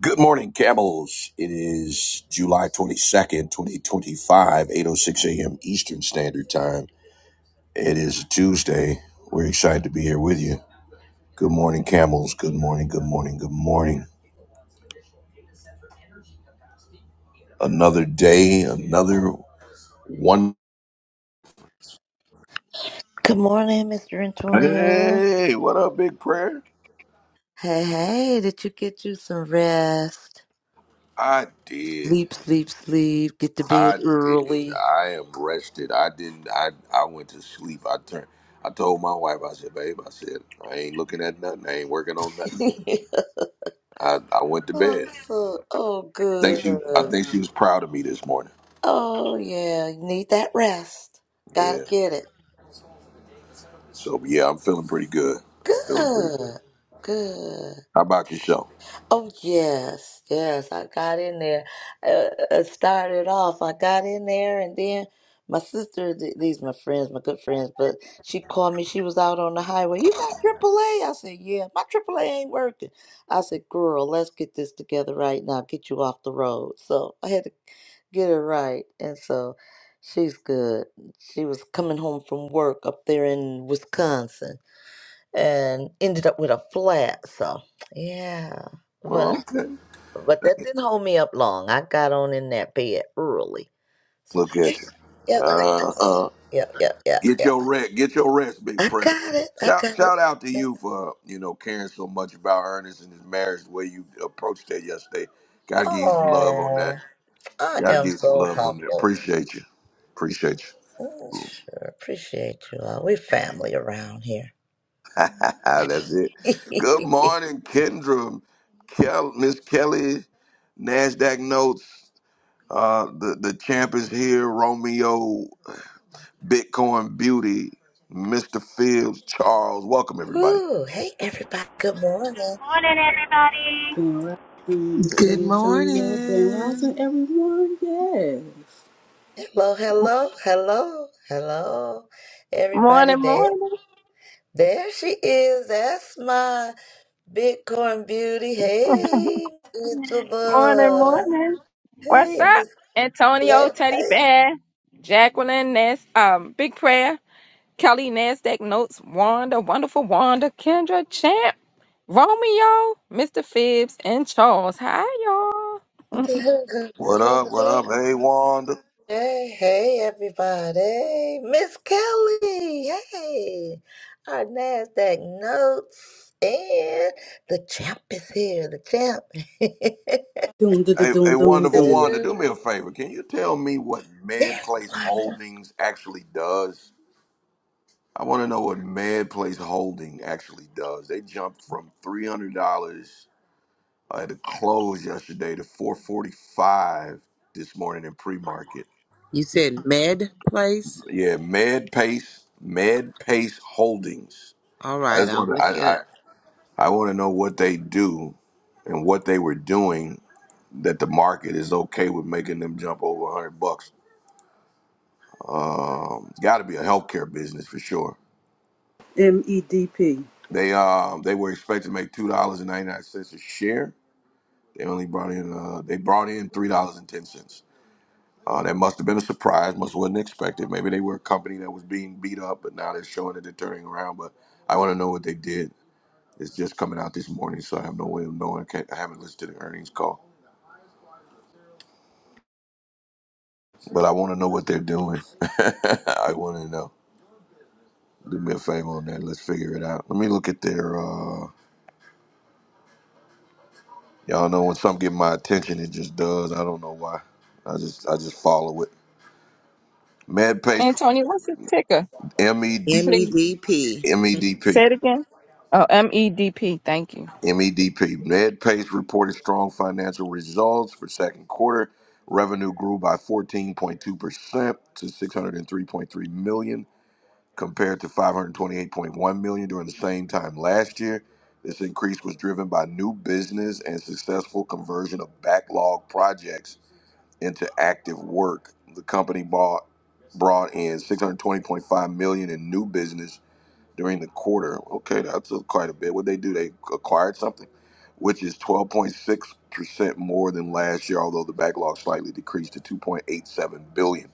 Good morning, Camels. It is July 22nd, five, eight oh six a.m. Eastern Standard Time. It is a Tuesday. We're excited to be here with you. Good morning, Camels. Good morning, good morning, good morning. Another day, another one. Good morning, Mr. Antonio. Hey, what up, big prayer? Hey, hey, did you get you some rest? I did. Sleep, sleep, sleep. Get to bed I did. early. I am rested. I didn't, I, I went to sleep. I turned. I told my wife, I said, babe, I said, I ain't looking at nothing. I ain't working on nothing. I, I went to Oh, bed. so, oh, Think good. she I think she was proud of me this morning. Oh, yeah, you need that rest. Gotta Yeah. get it. So yeah, I'm feeling pretty good. I'm feeling pretty good. Good, good. How about yourself? Oh, yes, yes. I got in there. Uh, uh, started off, I got in there, and then my sister, th- these my friends, my good friends, but she called me. She was out on the highway. You got AAA? I said, yeah. My AAA ain't working. I said, girl, let's get this together right now. Get you off the road. So I had to get it right. And so she's good. She was coming home from work up there in Wisconsin and ended up with a flat. So, yeah. but. Well, okay. But that didn't hold me up long. I got on in that bed early. So Look at yeah, you. yep, Uh, uh, yep, yep, yep, get yep. your rest. Get your rest, big I prayer. got it. I Shout got it. shout out to you for you know caring so much about Ernest and his marriage. The way you approached that yesterday. Gotta give you some love on that. Oh, I Gotta am give you some so love on that. humbled. Appreciate you. Appreciate you. Mm, Sure, appreciate you all. We family around here. That's it. Good morning, Kendra, Kel, Miss Kelly, Nasdaq notes. Uh, the the champ is here. Romeo, Bitcoin Beauty, Mr. Fields, Charles. Welcome everybody. Ooh, hey everybody. Good Good morning. morning, everybody. Grand Rising, San Good Antonio, Grand Rising, morning. everyone. Yes. Hello, hello, hello, hello, everybody. Morning, There, morning, there she is. Esma. Bitcoin Beauty. Hey, morning, Isabel. morning. What's Hey, up? Miss Antonio Cat. Teddy Bear, Jacqueline Ness, um, Big Prayer, Kelly Nasdaq Notes, Wanda, Wonderful Wanda, Kendra Champ, Romeo, Mr. Phibbs, and Charles. Hi, y'all. What up? What Hey. up? Hey Wanda. Hey, hey, everybody. Miss Kelly. Hey, our NASDAQ notes. And the champ is here. The champ. Doom, da, da, Hey, doom, hey, doom, wonderful doom. Wanda. Do me a Do-do-do. favor. Can you tell me what Yes, MedPlace Wanda. Holdings actually does? I want to know what MedPlace Holding actually does. They jumped from three hundred dollars Uh, the close yesterday to 445 this morning in pre-market. You said med place? Yeah, Med Pace, Med Pace Holdings. All I right, just want I'll to, look I, it I, up. I want to know what they do and what they were doing that the market is okay with making them jump over 100 bucks. Um, it's got to be a healthcare business for sure. M E D P. They um they were expected to make two dollars and ninety nine cents a share. They only brought in uh they brought in three dollars and ten cents. Uh, that must have been a surprise, must wasn't expected. Maybe they were a company that was being beat up, but now they're showing that they're turning around. But I want to know what they did. It's just coming out this morning, so I have no way of knowing. I, can't, I haven't listened to the earnings call, but I want to know what they're doing. I want to know. Do me a favor on that. Let's figure it out. Let me look at their. Uh, y'all know when something get my attention, it just does. I don't know why. I just I just follow it. MedPay, Antonio, what's the ticker? M E D M E Please D P. M E D P. say it again. Oh, M E D P. Thank you. MEDP. MedPace reported strong financial results for second quarter. Revenue grew by 14.2% to 603.3 million compared to 528.1 million during the same time last year. This increase was driven by new business and successful conversion of backlog projects into active work. The company bought brought in 620.5 million in new business during the quarter. Okay, that's a- quite a bit. What they do, they acquired something, which is 12.6 percent more than last year, although the backlog slightly decreased to 2.87 billion.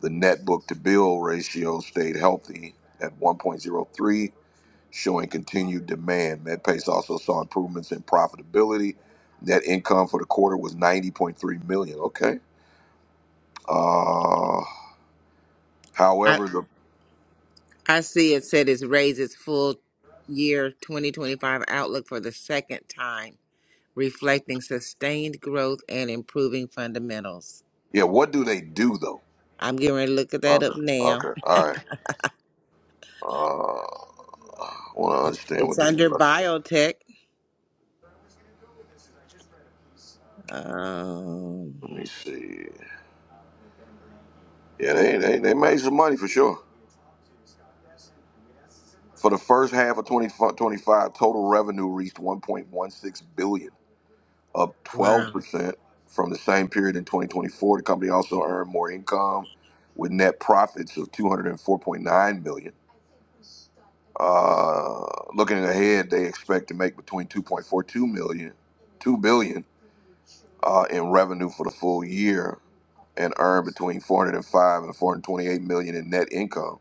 The net book to bill ratio stayed healthy at 1.03, showing continued demand. MedPace also saw improvements in profitability. Net income for the quarter was 90.3 million. Okay. Uh, I however, the I see it said it's raised its full year 2025 outlook for the second time, reflecting sustained growth and improving fundamentals. yeah, what do they do though? I'm getting ready to look at that Okay, up now. okay, all right. Uh, Ah, well, I want to understand what It's they under do. I said, biotech. Um, Let me see. Yeah, they, they they made some money for sure. For the first half of 2025, total revenue reached 1.16 billion, up 12 wow. percent from the same period in 2024. The company also earned more income, with net profits of 204.9 million. Uh, looking ahead, they expect to make between two point four two million, two billion. uh, in revenue for the full year and earned between 405 and 428 million in net income.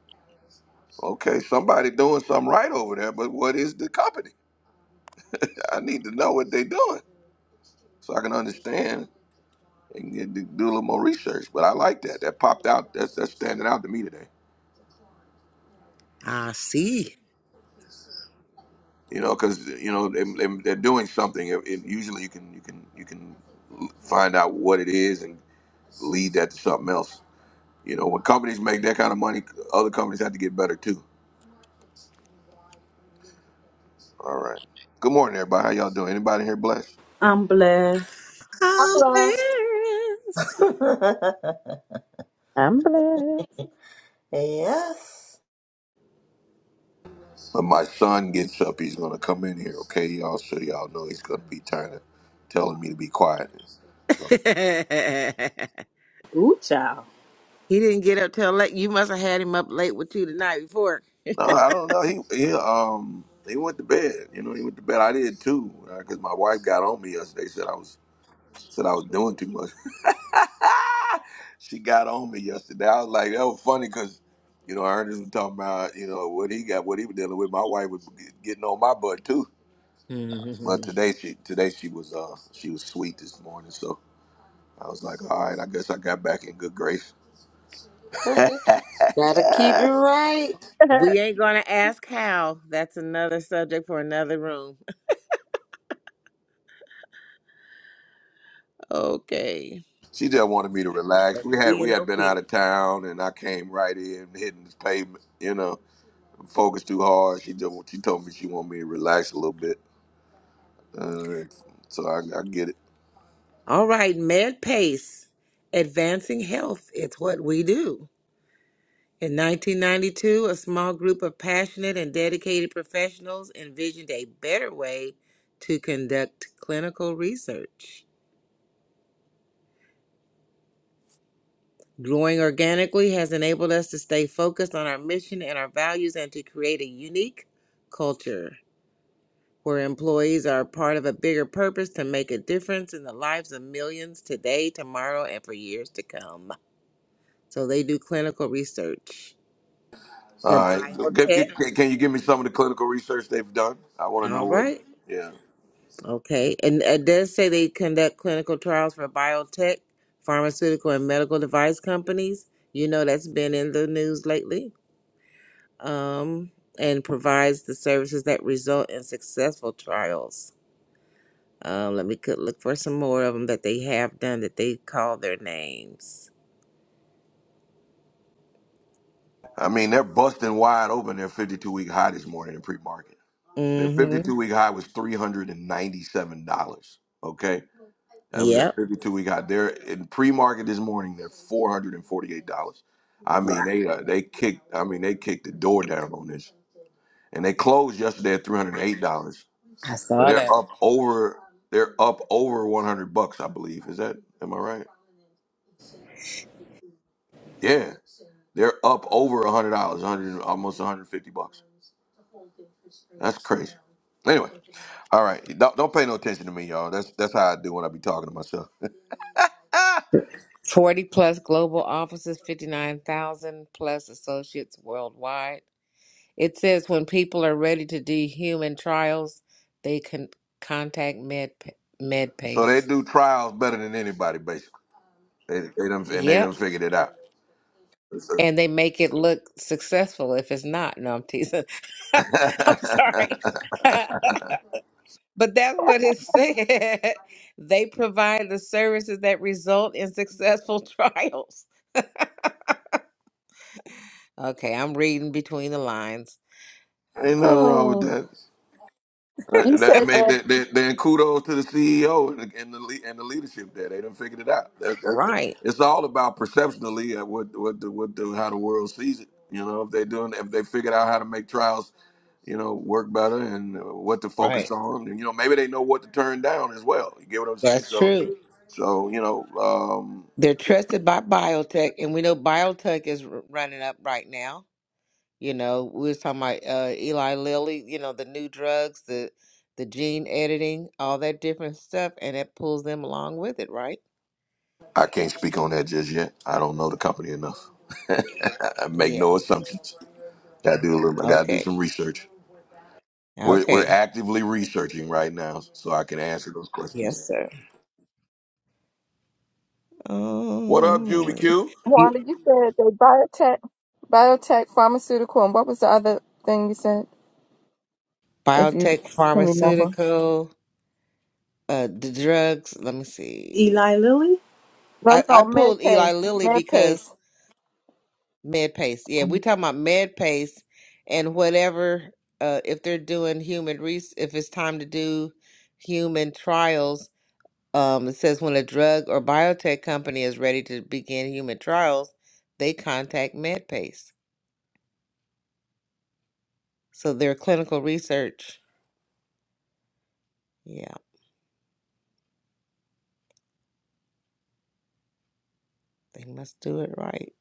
Okay, somebody doing something right over there, but what is the company? I need to know what they're doing so I can understand and get, do a little more research. But I like that. That popped out. That's that's standing out to me today. I see. You know, because you know they, they, they're doing something. It, it, usually, you can you can you can find out what it is and lead that to something else. You know, when companies make that kind of money, other companies have to get better too All right. Good morning, everybody. How y'all doing? Anybody here blessed? I'm blessed. I'm I'm lost. I'm blessed. yes. When my son gets up, he's gonna come in here, okay, y'all? So y'all know he's gonna be trying to telling me to be quiet. So blessed. Ooh, child. He didn't get up till late. You must have had him up late with you the night before. no, I don't know. He he um he went to bed. You know, he went to bed. I did too, because my wife got on me yesterday. Said I was said I was doing too much. she got on me yesterday. I was like, that was funny because. You know, Ernest was talking about you know what he got, what he was dealing with. My wife was getting on my butt too, but today she today she was uh she was sweet this morning, so I was like, all right, I guess I got back in good grace. Gotta keep it right. We ain't gonna ask how. That's another subject for another room. Okay. she just wanted me to relax. But We had we being had been out of obedient. town, and I came right in, hitting this pavement. You know, focused too hard. She just she told me she wanted me to relax a little bit. Uh, so I, I get it. All right, Med Pace. Advancing health. It's what we do. In 1992, a small group of passionate and dedicated professionals envisioned a better way to conduct clinical research. Growing organically has enabled us to stay focused on our mission and our values and to create a unique culture where employees are part of a bigger purpose to make a difference in the lives of millions today, tomorrow, and for years to come. So they do clinical research All for right, can, biotech. can can you give me some of the clinical research they've done? I want to know All what. right. Yeah, Okay. And it does say they conduct clinical trials for biotech, pharmaceutical, and medical device companies. You know, that's been in the news lately. um, and provides the services that result in successful trials. Um, let me could look for some more of them that they have done that they call their names. I mean they're busting wide open their 52 week high this morning in pre market. Their Mm-hmm. 52 week high was 397 dollars. Okay That was at Yep. 52. We got there in pre-market this morning. They're 448 dollars. I mean, they uh, they kicked. I mean, they kicked the door down on this, and they closed yesterday at 308 dollars. I So saw they're that. up over. They're up over 100 bucks, I believe. Is that? Am I right? Yeah, they're up over 100 dollars, 100 almost 150 bucks. That's crazy. Anyway, all right. Don't, don't pay no attention to me, y'all. That's that's how I do when I be talking to myself. 40 plus global offices, 59,000 plus associates worldwide. It says when people are ready to do human trials, they can contact Med So they MedPace. do trials better than anybody, basically. They, they done, and they Yep. done figured it out. and they make it look successful if it's not. No, I'm teasing. I'm sorry. but that's what it said. They provide the services that result in successful trials. Okay, I'm reading between the lines. Ain't nothing wrong with Oh, that. Uh, You said that- I mean, that, then then- then kudos to the CEO and the, and the le- and the leadership there. They done figured it out. That, that, that- right, it's all about perceptionally at what what the, what the, how the world sees it. You know, if they doing if they figured out how to make trials, you know, work better and uh, what to focus right. on. And, you know, maybe they know what to turn down as well. You get what I'm saying? That's So, true. so you know. um, They're trusted by biotech, and we know biotech is r- running up right now You know, we was talking about uh, Eli Lilly, you know, the new drugs, the the gene editing, all that different stuff, and it pulls them along with it, right? I can't speak on that just yet. I don't know the company enough. I make Yeah. no assumptions. Got to do a little. I got to do Okay. some research. We're we're Okay. actively researching right now, so I can answer those questions. Yes, sir. What up, Julie Oh, Q? you, Wanda, you said that biotech, biotech, pharmaceutical, and what was the other thing you said, if you biotech, can remember? pharmaceutical, uh, the drugs. Let me see. Eli Lilly, I, No, I no, med pulled Eli pace, med Lilly pace. Med pace. Yeah, we Mm-hmm. talking about med pace and whatever uh if they're doing human res if it's time to do human trials, um it says when a drug or biotech company is ready to begin human trials, they contact MedPace. So their clinical research. Yeah, they must do it right.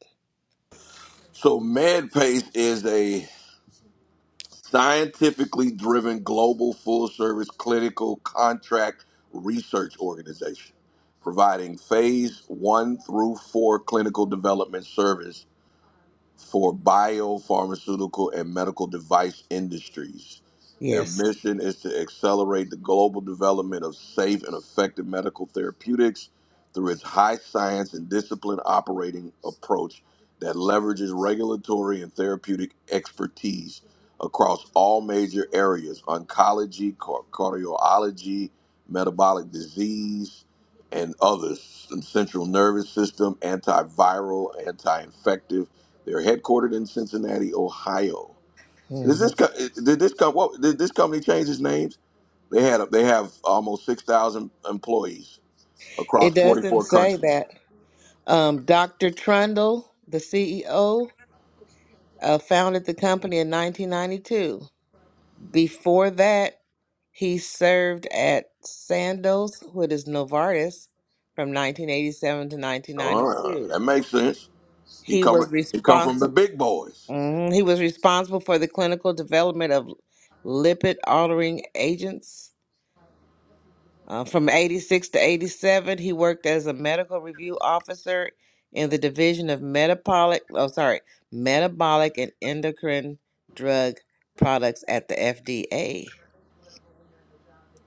So MedPace is a scientifically driven global full service clinical contract research organization providing phase one through four clinical development service for biopharmaceutical and medical device industries. Their Yes. mission is to accelerate the global development of safe and effective medical therapeutics through its high science and discipline operating approach that leverages regulatory and therapeutic expertise across all major areas oncology, car- cardiology, metabolic disease, and others, central nervous system, antiviral, anti infective they're headquartered in Cincinnati, Ohio. Does Mhm. this co- did this com- what, did this company change its names? They had a, they have almost six thousand employees It across forty doesn't four say countries. that. Um Dr. Trundle, the CEO, uh, founded the company in 1992. Before that, He served at Sandoz with his Novartis from 1987 to All right, 1992. that makes sense. He He come was he come from the responsible. big boys. He was responsible for the clinical development of lipid altering agents. Uh, from 86 to 87, he worked as a medical review officer in the division of metabolic, oh sorry, metabolic and endocrine drug products at the FDA.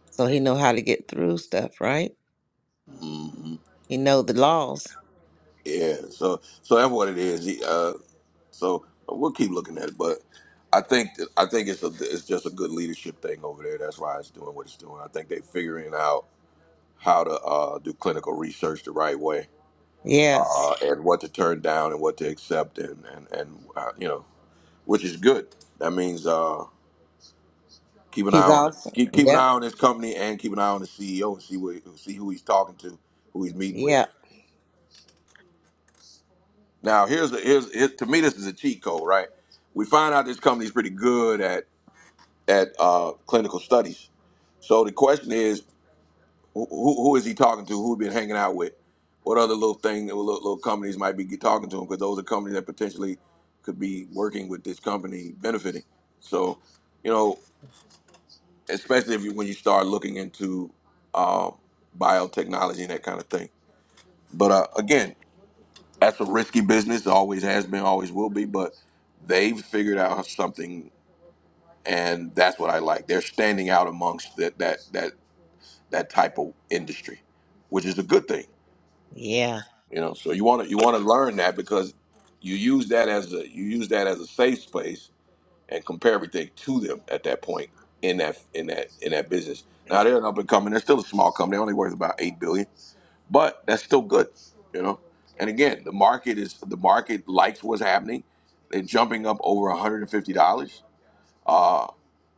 So he know how to get through stuff, right? hmm He know the laws. Yeah, so so that's what it is. He, uh, so we'll keep looking at it, but I think that, I think it's a it's just a good leadership thing over there. That's why it's doing what it's doing. I think they're figuring out how to uh, do clinical research the right way Yes. uh, and what to turn down and what to accept, and and and uh, you know, which is good. That means uh, keep an eye He's on it. awesome. Keep, keep an eye Yep. on this company and keep an eye on the CEO and see what see who he's talking to, who he's meeting with. Yep. Now, here's a, here's here, to me this is a cheat code, right? We find out this company's pretty good at at uh, clinical studies. So the question is, Who, who, who is he talking to? Who he been hanging out with? What other little thing, little, little companies might be talking to him? Because those are companies that potentially could be working with this company, benefiting. So, you know, especially if you, when you start looking into um, biotechnology and that kind of thing. But uh, again, that's a risky business. Always has been, always will be. But they've figured out something, and that's what I like. They're standing out amongst that that that that type of industry, which is a good thing Yeah. You know, so you want to you want to learn that because you use that as a you use that as a safe space and compare everything to them at that point in that in that in that business. Now they're an up and coming. They're still a small company. only worth about eight billion, but that's still good. You know, and again, the market is the market likes what's happening. They're jumping up over one hundred and fifty dollars uh,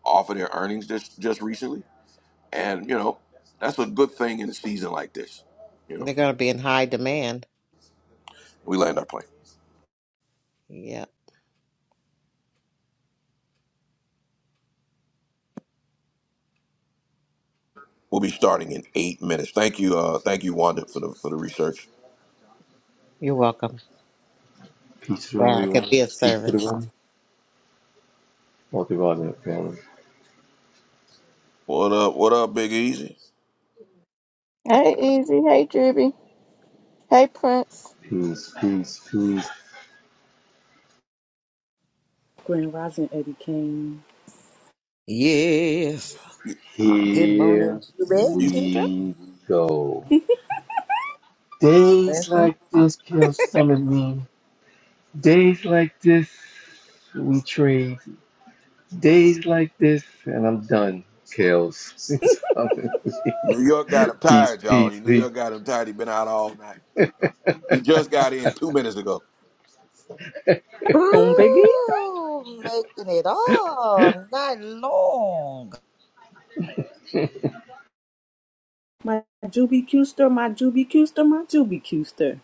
off of their earnings just just recently, and you know that's a good thing in a season like this. You know, They're gonna be in high demand. we land our plane. Yep. We'll be starting in eight minutes. Thank you, uh, thank you, Wanda, for the for the research. You're welcome. Peace to Wow, I could everyone. be of Peace to the service. room. Or to God in heaven. What up? What up, Big Easy? Hey, Easy. Hey, Juby. Hey, Prince. Peace, peace, peace. Grand Rising, Eddie Kane. Yes. You- Good Here morning, Julie, you- Kendra. we go. Days Listen. like this kill summon me. Days like this we trade. Days like this and I'm done. Kills summon New York got him Peace, tired, y'all. You peace, New peace. York got him tired. He been out all night. He just got in two minutes ago. On Biggie, Ooh, making it all night long. my Juby Custer, my Juby Custer, my Juby Custer.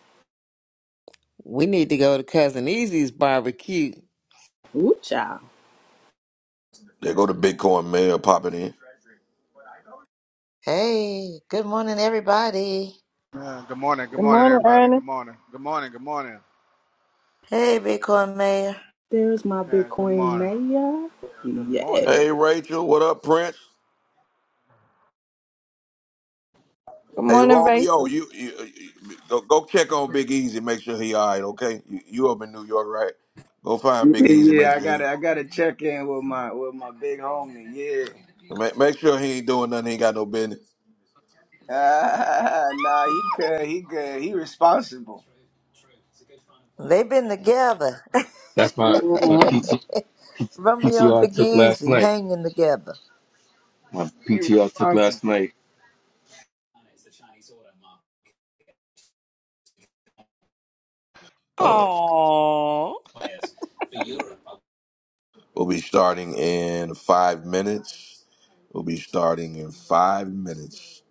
We need to go to Cousin Easy's barbecue. Ooh, child. There go the Bitcoin mayor popping in. Hey, good morning, everybody. Uh, good morning, good Good morning, morning, everybody. Good Ernest. morning, good morning, good morning. Hey, Bitcoin Mayor. There's my Yeah, good Bitcoin morning, Maya. good morning. Yes. Hey, Rachel. What up, Prince? Good Hey, morning, Romeo. Rachel. You, you, you go, go check on Big Easy. Make sure he all right. Okay. You, you up in New York, right? Go find Yeah, Big Easy. Make yeah, I sure he gotta, I gotta check in with my, with my big homie. Yeah, make, make sure he ain't doing nothing. He ain't got no business. ah, nah, he good, he good, he responsible. They've been together. That's my that's my PT, Romeo and Big took last Easy night. hanging together. My PTR took responsible. last night. All right. Oh, We'll be starting in five minutes. We'll be starting in five minutes.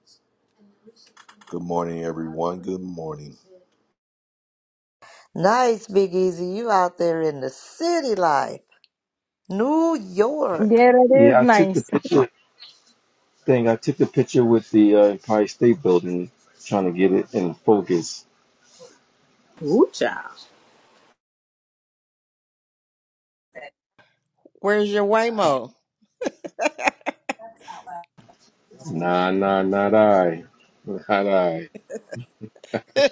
Good morning, everyone. Good morning. Nice, Big Easy. You out there in the city life, New York. Yeah, that is Yeah, I took the nice. picture thing. I took a picture with the uh, Empire State Building, trying to get it in focus. Ooh, child. where's your Waymo? Nah, nah, not I, not I.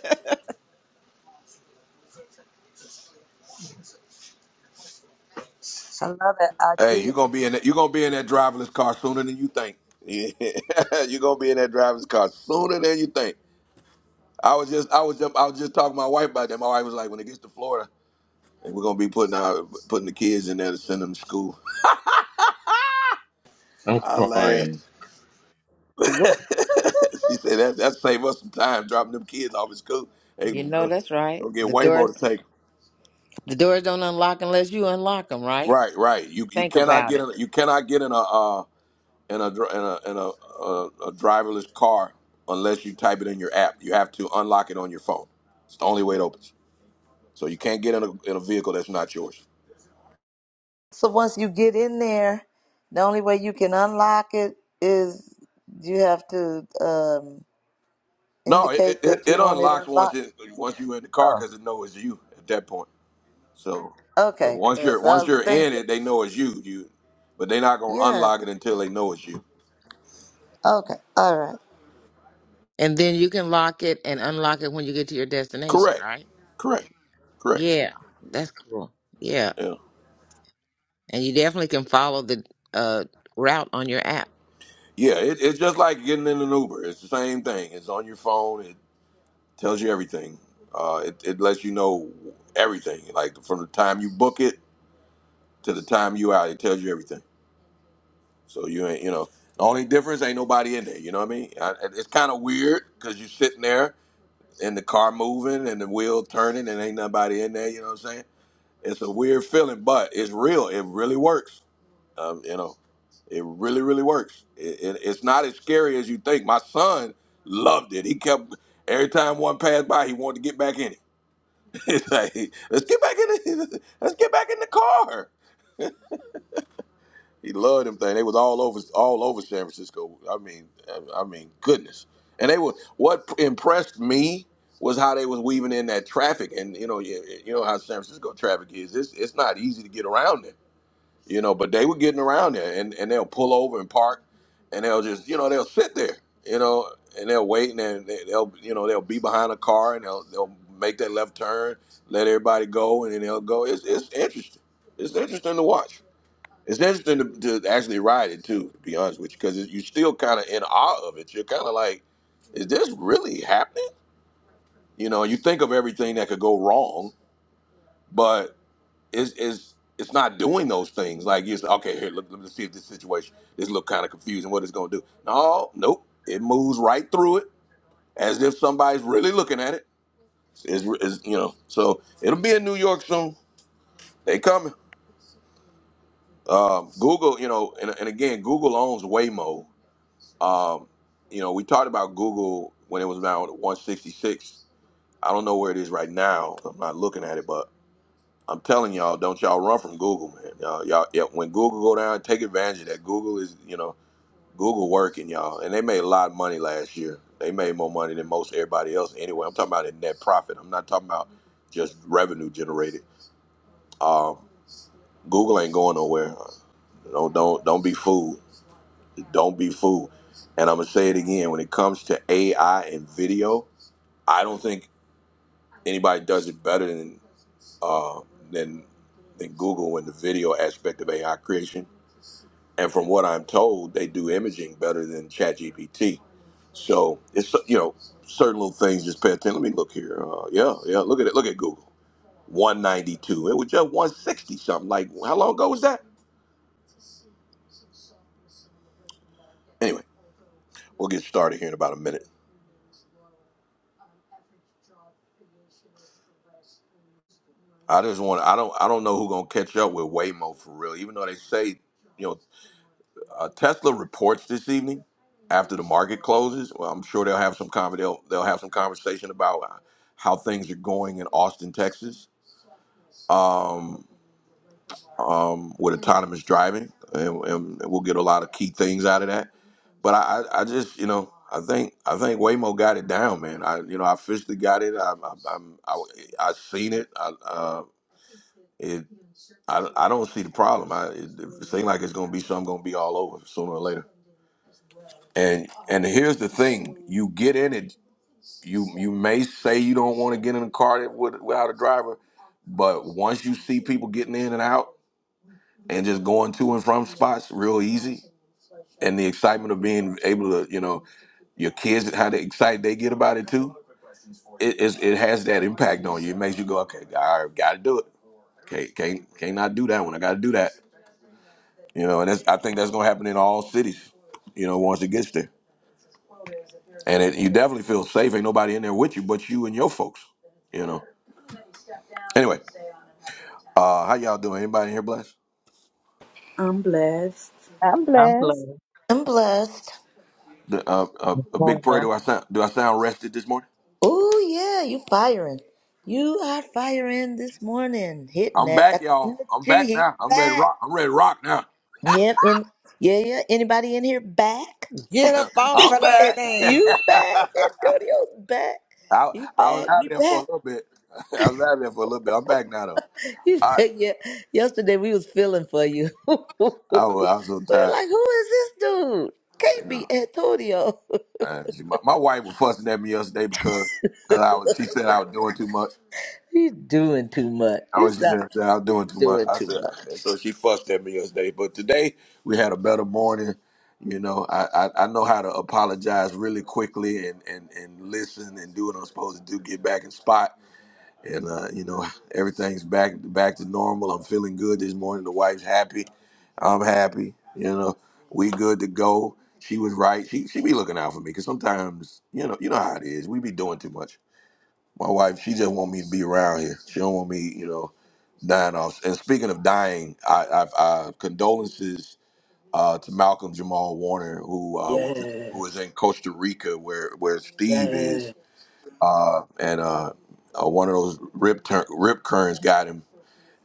I love that Hey, idea. you're gonna be in that, you're gonna be in that driverless car sooner than you think. you're gonna be in that driverless car sooner than you think. I was just I was just I was just talking to my wife about that. My wife was like, when it gets to Florida, and we're gonna be putting our putting the kids in there to send them to school. I'm I laughed. crying. What? she said that that save us some time dropping them kids off at school. Hey, You gonna know go, that's right. go get The Waymo doors, to take. 'em. the doors don't unlock unless you unlock them, right? Right, right. You you Think cannot about get it. in you cannot get in a uh, in a dr- in a in a, a, a driverless car unless you type it in your app. You have to unlock it on your phone. It's the only way it opens. So you can't get in a, in a vehicle that's not yours. So once you get in there, the only way you can unlock it is you have to. um, No, it, it, indicate it that you it want it unlocks once unlocked? it once you're in the car Oh, because it knows it's you at that point. So, so okay. once you're Because I once was you're in thinking, it, they know it's you. You, but they're not gonna yeah. unlock it until they know it's you. Okay. All right. And then you can lock it and unlock it when you get to your destination, Correct, right? correct, correct. Yeah, that's cool. Yeah, Yeah, and you definitely can follow the uh, route on your app. yeah. It, it's just like getting in an Uber. It's the same thing. It's on your phone. tells you everything. Uh, it, it lets you know everything, like from the time you book it to the time you out. It tells you everything. So you ain't, you know, the only difference ain't nobody in there. You know what I mean? I, it- it's kind of weird because you're sitting there and the car moving and the wheel turning and ain't nobody in there. You know what I'm saying? It's a weird feeling, but it's real. It really works. Um, you know, it really, really works. It, it, it's not as scary as you think. My son loved it. He kept every time one passed by, he wanted to get back in it. It's like, let's get back in the let's get back in the car. He loved them thing. They was all over all over San Francisco. I mean, I mean, goodness. And they were what impressed me was how they was weaving in that traffic. And you know, you, you know how San Francisco traffic is. It's it's not easy to get around it you know. But they were getting around there, and, and they'll pull over and park, and they'll just you know they'll sit there, you know, and they'll wait, and then they- they'll you know they'll be behind a car, and they'll they'll make that left turn, let everybody go, and then they'll go. It's it's interesting. It's interesting to watch. It's interesting to, to actually ride it too, to be honest with you, because you're still kind of in awe of it. You're kind of like, is this really happening? You know, you think of everything that could go wrong, is is it's not doing those things. Like you say? okay. Here, let, let me see if this situation this look kind of confusing. What it's going to do? No, nope. It moves right through it as if somebody's really looking at it. Is is you know? So it'll be in New York soon. They coming. Um, Google, you know, and, and again, Google owns Waymo. Um, you know, we talked about Google when it was down at 166. I don't know where it is right now. I'm not looking at it, but. I'm telling y'all, don't y'all run from Google, man. Y'all, y'all yeah, when Google go down, take advantage of that. Google is, you know, Google working, y'all, and they made a lot of money last year. They made more money than most everybody else. Anyway, I'm talking about in net profit. I'm not talking about just revenue generated. Um, Google ain't going nowhere. Don't don't don't be fooled. Don't be fooled. And I'm gonna say it again. When it comes to AI and video, I don't think. Anybody does it better than uh, than than Google in the video aspect of AI creation. And from what I'm told, they do imaging better than ChatGPT. So it's you know certain little things. Just pay attention. Let me look here. Uh, yeah, yeah. Look at it. Look at Google. 192. It was just 160 something. Like how long ago was that? Anyway, we'll get started here in about a minute. I just want I don't I don't know who gonna catch up with Waymo for real. Even though they say, you know, uh, Tesla reports this evening after the market closes. Well, I'm sure they'll have some con- they'll, they'll have some conversation about how things are going in Austin, Texas, um, um, with autonomous driving, and, and we'll get a lot of key things out of that but I, I I just, you know, I think, I think Waymo got it down, man. I, you know, I officially got it. I, I, I'm, I, I seen it. I, uh, it, I, I don't see the problem. I, it, it seems like it's gonna be something gonna be all over sooner or later. And, and here's the thing: you get in it, you, you may say you don't want to get in a car that with, without a driver, but once you see people getting in and out and just going to and from spots real easy. And the excitement of being able to, you know, your kids how they excited they get about it too. It is it has that impact on you. It makes you go, okay, I gotta do it. Can't can't can't not do that one. I gotta do that. You know, and that's I think that's gonna happen in all cities. You know, once it gets there, and it, you definitely feel safe. Ain't nobody in there with you but you and your folks. You know. Anyway, uh, how y'all doing? Anybody in here blessed? I'm blessed. I'm I'm blessed. blessed. I'm blessed. The, uh, uh, a big Morning. prayer. Do I sound do I sound rested this morning? Oh, yeah. You firing. You are firing this morning. Hitting I'm that. back, Got the energy. y'all. I'm back He's now. I'm ready to back. rock. I'm ready to rock now. Yep. And yeah, yeah. Anybody in here back? Get up off I'm of that And back. thing. you back. I, Antonio's back. I He was back. out We there for a back. little bit. I was out there for a little bit. I'm back now though. He I said, yeah, yesterday we was feeling for you. we were I was, I was so tired. like, who is this dude? Can't You be know, Antonio. Uh, she- my, my wife was fussing at me yesterday because because I was she said I was doing too much. He's doing too much. I You was she stop said I was doing too much. doing I too said much. and so she fussed at me yesterday. But today we had a better morning. You know, I, I, I know how to apologize really quickly and, and, and listen and do what I'm supposed to do, get back in spot and uh, you know everything's back back to normal. I'm feeling good this morning. The wife's happy. I'm happy. You know, we good to go. She was right. She she be looking out for me because sometimes you know you know how it is. We be doing too much. My wife, she just want me to be around here. She don't want me, you know, dying off. And speaking of dying, I, I, I condolences uh, to Malcolm Jamal Warner, who uh, was who is Yes. in Costa Rica, where where Steve is Yes. uh, and uh, uh, one of those rip tur- rip currents got him,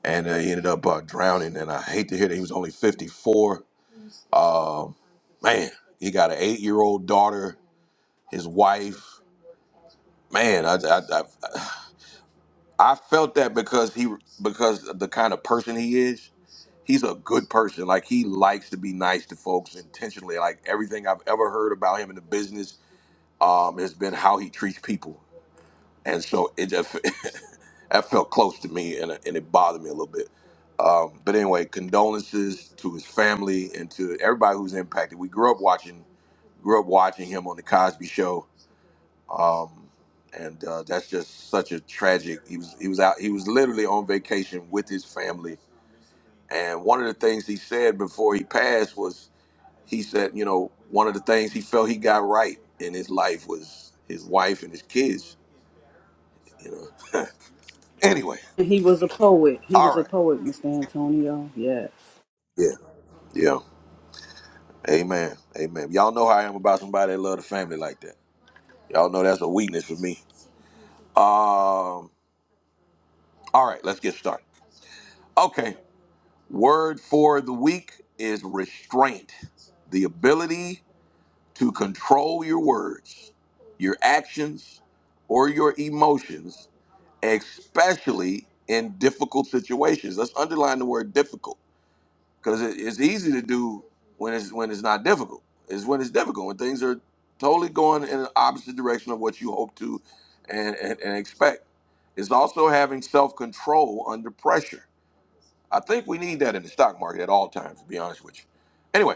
and uh, he ended up uh, drowning. And I hate to hear that he was only 54. Um, man, he got an eight year old daughter, his wife. Man, I, I, I I felt that because he because of the kind of person he is. He's a good person. Like he likes to be nice to folks intentionally. Like everything I've ever heard about him in the business um, has been how he treats people and so it just that felt close to me and, it- and it bothered me a little bit um, but anyway condolences to his family and to everybody who's impacted we grew up watching grew up watching him on the cosby show um, and uh, that's just such a tragic he was he was out he was literally on vacation with his family and one of the things he said before he passed was he said you know one of the things he felt he got right in his life was his wife and his kids you know anyway He was a poet. He all was a right poet, Mr. Antonio. Yes. Yeah, yeah. Amen. Amen. Y'all know how I am about somebody that love the family like that. Y'all know that's a weakness for me. Um, all right, let's get started. Okay. Word for the week is restraint. The ability to control your words, your actions, or your emotions, especially in difficult situations. Let's underline the word difficult because it, it's easy to do when it's when it's not difficult. It's when it's difficult when things are totally going in the opposite direction of what you hope to and, and, and expect. It's also having self control under pressure. I think we need that in the stock market at all times, to be honest with you. Anyway,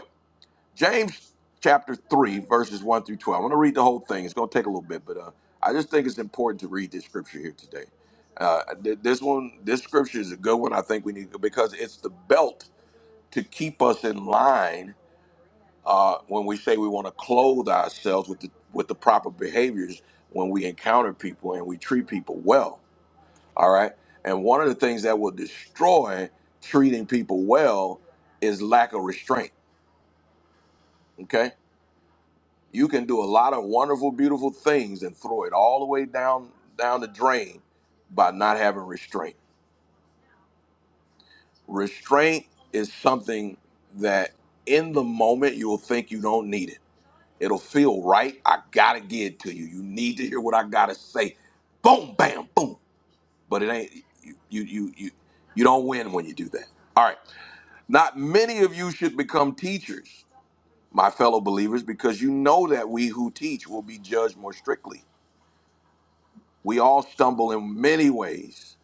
James chapter 3, verses 1 through 12. I'm going to read the whole thing. It's going to take a little bit, but uh, I just think it's important to read this scripture here today. Uh, th- this one, this scripture is a good one. I think we need because it's the belt to keep us in line uh, when we say we want to clothe ourselves with the with the proper behaviors when we encounter people and we treat people well. All right. And one of the things that will destroy treating people well is lack of restraint. Okay. You can do a lot of wonderful, beautiful things and throw it all the way down down the drain by not having restraint. Restraint is something that in the moment you will think you don't need it It'll feel right. I gotta get it to you. You need to hear what I gotta say. Boom, bam, boom. But it ain't you you you you, you don't win when you do that. All right. Not many of you should become teachers, my fellow believers, because you know that we who teach will be judged more strictly. We all stumble in many ways.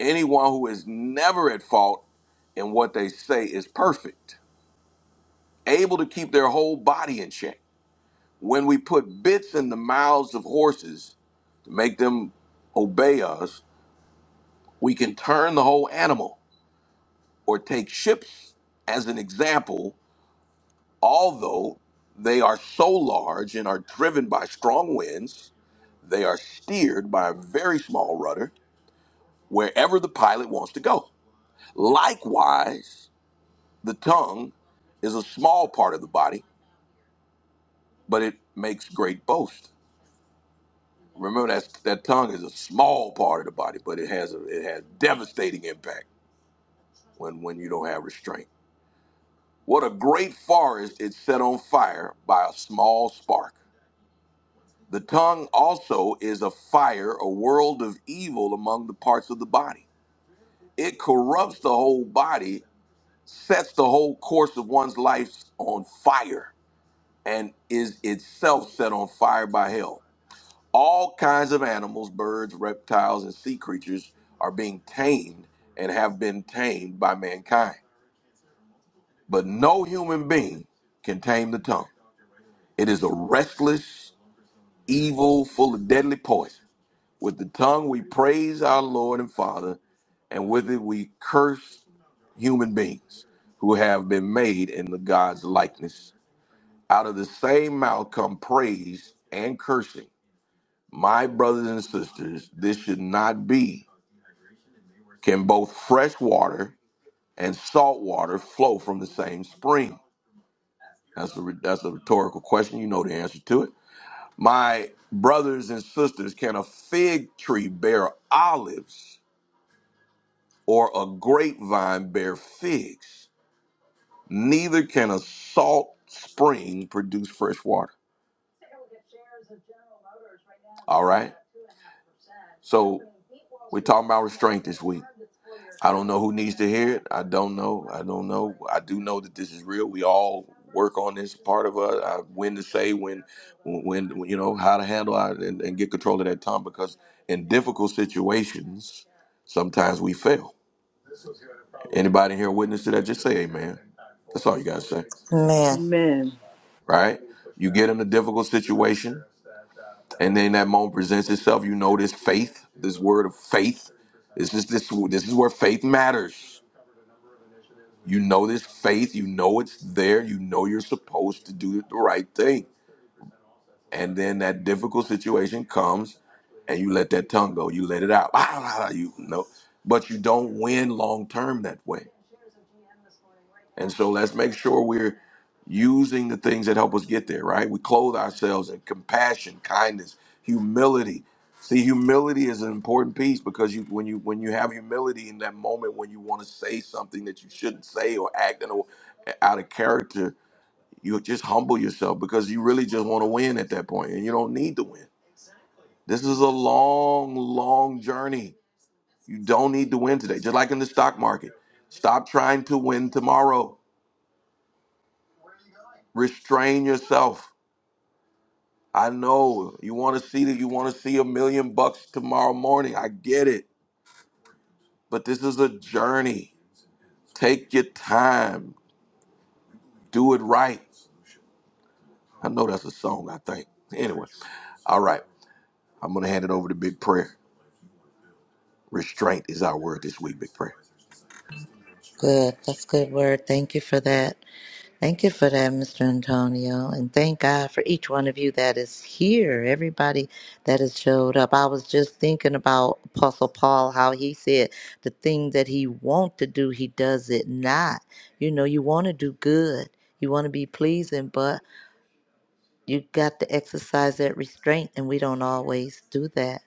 Anyone who is never at fault in what they say is perfect, able to keep their whole body in check. When we put bits in the mouths of horses make them obey us, we can turn the whole animal or take ships as an example, although they are so large and are driven by strong winds, they are steered by a very small rudder wherever the pilot wants to go. Likewise, the tongue is a small part of the body, but it makes great boast. Remember that that tongue is a small part of the body, but it has a, it has devastating impact when when you don't have restraint. What a great forest is set on fire by a small spark. The tongue also is a fire, a world of evil among the parts of the body. It corrupts the whole body, sets the whole course of one's life on fire, and is itself set on fire by hell. All kinds of animals, birds, reptiles, and sea creatures are being tamed and have been tamed by mankind. But no human being can tame the tongue. It is a restless evil, full of deadly poison. With the tongue we praise our Lord and Father, and with it we curse human beings who have been made in the God's likeness. Out of the same mouth come praise and cursing. My brothers and sisters, this should not be. Can both fresh water and salt water flow from the same spring? That's a, that's a rhetorical question. You know the answer to it. My brothers and sisters, can a fig tree bear olives or a grapevine bear figs? Neither can a salt spring produce fresh water. All right. So we're talking about restraint this week. I don't know who needs to hear it. I don't know. I don't know. I do know that this is real. We all work on this part of us. I, when to say, when when when- you know how to handle our, and, and get control of that tongue because in difficult situations sometimes we fail anybody here witness to that just say amen that's all you gotta say Man, Amen. right you get in a difficult situation and then that moment presents itself you know this faith this word of faith this is this this is where faith matters you know this faith you know it's there you know you're supposed to do the right thing and then that difficult situation comes and you let that tongue go you let it out you know but you don't win long term that way and so let's make sure we're using the things that help us get there right we clothe ourselves in compassion kindness humility see humility is an important piece because you when you when you have humility in that moment when you want to say something that you shouldn't say or act in a, out of character you just humble yourself because you really just want to win at that point and you don't need to win this is a long, long journey. You don't need to win today, just like in the stock market. Stop trying to win tomorrow. Restrain yourself. I know you want to see that you want to see a million bucks tomorrow morning. I get it. But this is a journey. Take your time. Do it right. I know that's a song, I think. Anyway, all right. I'm going to hand it over to Big Prayer. Restraint is our word this week, Big Prayer. good. That's good word. Thank you for that. Thank you for that, Mr. Antonio. And thank God for each one of you that is here, everybody that has showed up. I was just thinking about Apostle Paul, how he said the thing that he want to do, he does it not. You know, you want to do good. You want to be pleasing, but you got to exercise that restraint, and we don't always do that.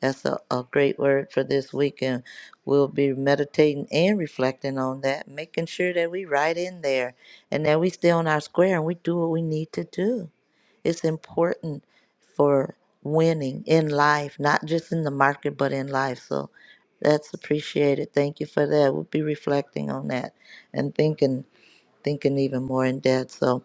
That's a, a great word for this week, and we'll be meditating and reflecting on that, making sure that we right in there and that we stay on our square and we do what we need to do. It's important for winning in life, not just in the market, but in life. So that's appreciated. Thank you for that. We'll be reflecting on that and thinking, thinking even more in depth. So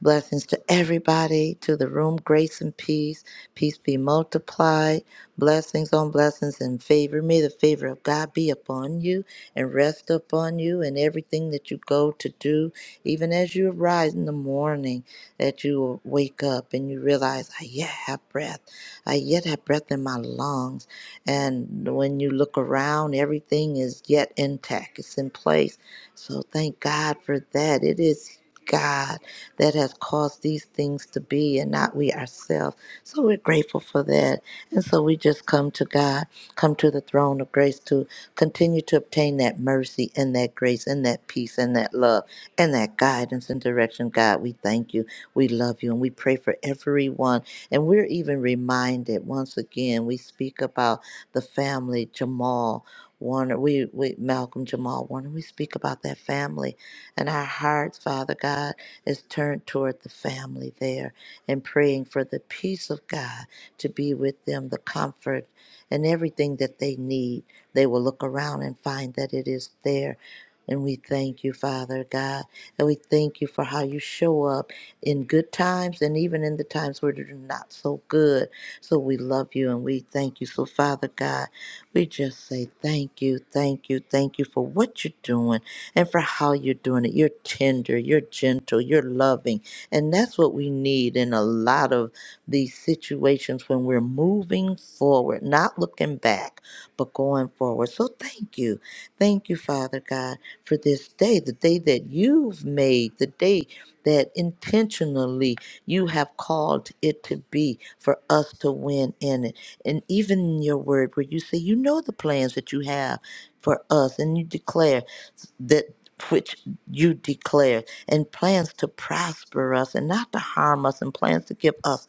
Blessings to everybody, to the room, grace and peace. Peace be multiplied. Blessings on blessings and favor. May the favor of God be upon you and rest upon you in everything that you go to do, even as you arise in the morning, that you will wake up and you realize, I yet have breath. I yet have breath in my lungs. And when you look around, everything is yet intact, it's in place. So thank God for that. It is God that has caused these things to be and not we ourselves. So we're grateful for that. And so we just come to God, come to the throne of grace to continue to obtain that mercy and that grace and that peace and that love and that guidance and direction. God, we thank you. We love you and we pray for everyone. And we're even reminded once again, we speak about the family, Jamal. Warner, we, we Malcolm Jamal Warner, we speak about that family and our hearts, Father God is turned toward the family there and praying for the peace of God to be with them, the comfort and everything that they need. They will look around and find that it is there. And we thank you, Father God. And we thank you for how you show up in good times and even in the times where they're not so good. So we love you and we thank you. So, Father God, we just say thank you, thank you, thank you for what you're doing and for how you're doing it. You're tender, you're gentle, you're loving. And that's what we need in a lot of these situations when we're moving forward, not looking back, but going forward. So thank you. Thank you, Father God, for this day, the day that you've made, the day that intentionally you have called it to be for us to win in it. And even in your word, where you say, you know the plans that you have for us, and you declare that which you declared and plans to prosper us and not to harm us and plans to give us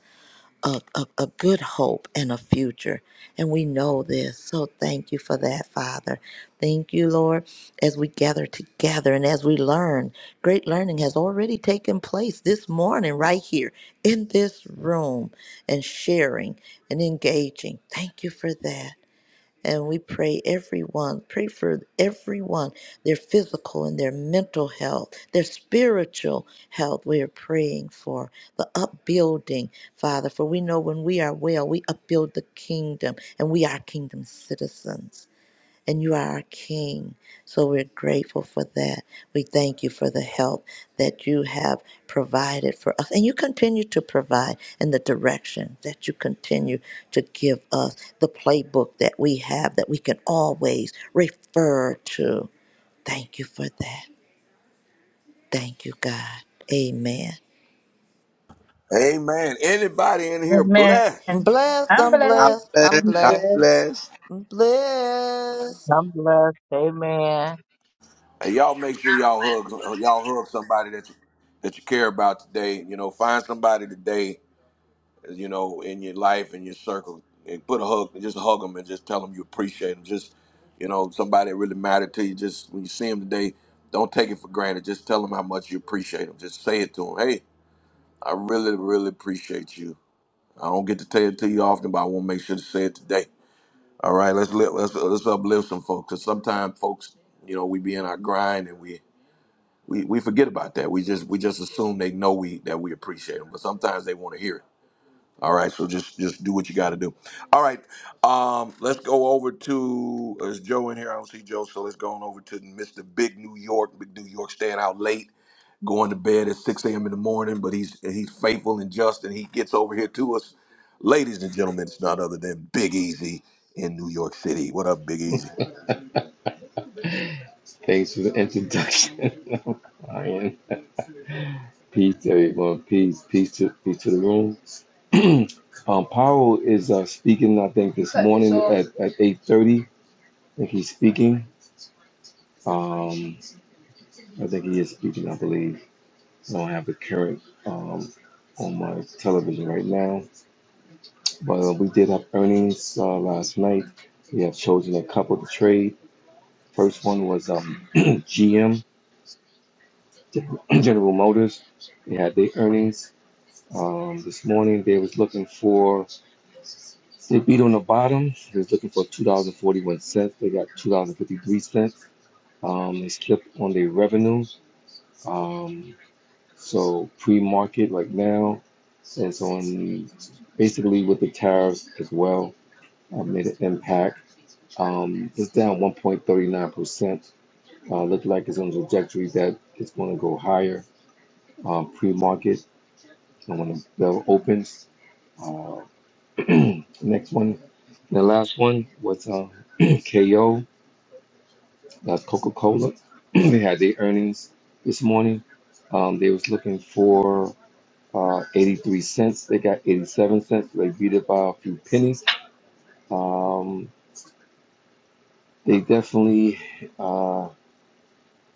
a, a, a good hope and a future and we know this so thank you for that father thank you lord as we gather together and as we learn great learning has already taken place this morning right here in this room and sharing and engaging thank you for that and we pray everyone pray for everyone their physical and their mental health their spiritual health we are praying for the upbuilding father for we know when we are well we upbuild the kingdom and we are kingdom citizens and you are our King. So we're grateful for that. We thank you for the help that you have provided for us, and you continue to provide in the direction that you continue to give us the playbook that we have that we can always refer to. Thank you for that. Thank you, God. Amen. Amen. Anybody in here Amen. blessed? I'm blessed. I'm I'm I'm blessed. blessed. I'm blessed. I'm I'm blessed. blessed. blessed. I'm blessed. I'm blessed. Amen. Hey, y'all make sure y'all with. hug y'all hug somebody that you that you care about today. You know, find somebody today, you know, in your life in your circle, and put a hug, just hug them, and just tell them you appreciate them. Just, you know, somebody that really mattered to you. Just when you see them today, don't take it for granted. Just tell them how much you appreciate them. Just say it to them. Hey, I really, really appreciate you. I don't get to tell it to you often, but I want to make sure to say it today. All right, let's li- let's let's uplift some folks. Cause sometimes folks, you know, we be in our grind and we we, we forget about that. We just we just assume they know we that we appreciate them, but sometimes they want to hear it. All right, so just just do what you got to do. All right, um, let's go over to uh, is Joe in here? I don't see Joe, so let's go on over to Mr. Big New York. Big New York staying out late, going to bed at six a.m. in the morning, but he's he's faithful and just, and he gets over here to us, ladies and gentlemen. It's not other than Big Easy in New York City. What up, Big Easy? Thanks for the introduction. I'm crying. Peace, to everyone. Peace, peace to peace to the room. um, Powell is uh, speaking. I think this morning at at eight thirty. I think he's speaking. Um, I think he is speaking. I believe. I don't have the current um, on my television right now. Well, we did have earnings uh, last night. We have chosen a couple to trade. First one was um, GM, General Motors. They had their earnings um, this morning. They was looking for they beat on the bottom. They was looking for two dollars and forty one cents. They got two dollars and fifty three cents. Um, they slipped on their revenue. Um, so pre market right now is on basically with the tariffs as well. Uh, made an impact. Um, it's down 1.39%. Uh, look like it's on a trajectory that it's going to go higher uh, pre-market and when the bell opens. Uh, next one, the last one was uh, KO. That's Coca-Cola. they had their earnings this morning. Um, they was looking for uh, 83 cents. They got 87 cents. They beat it by a few pennies. Um, they definitely uh,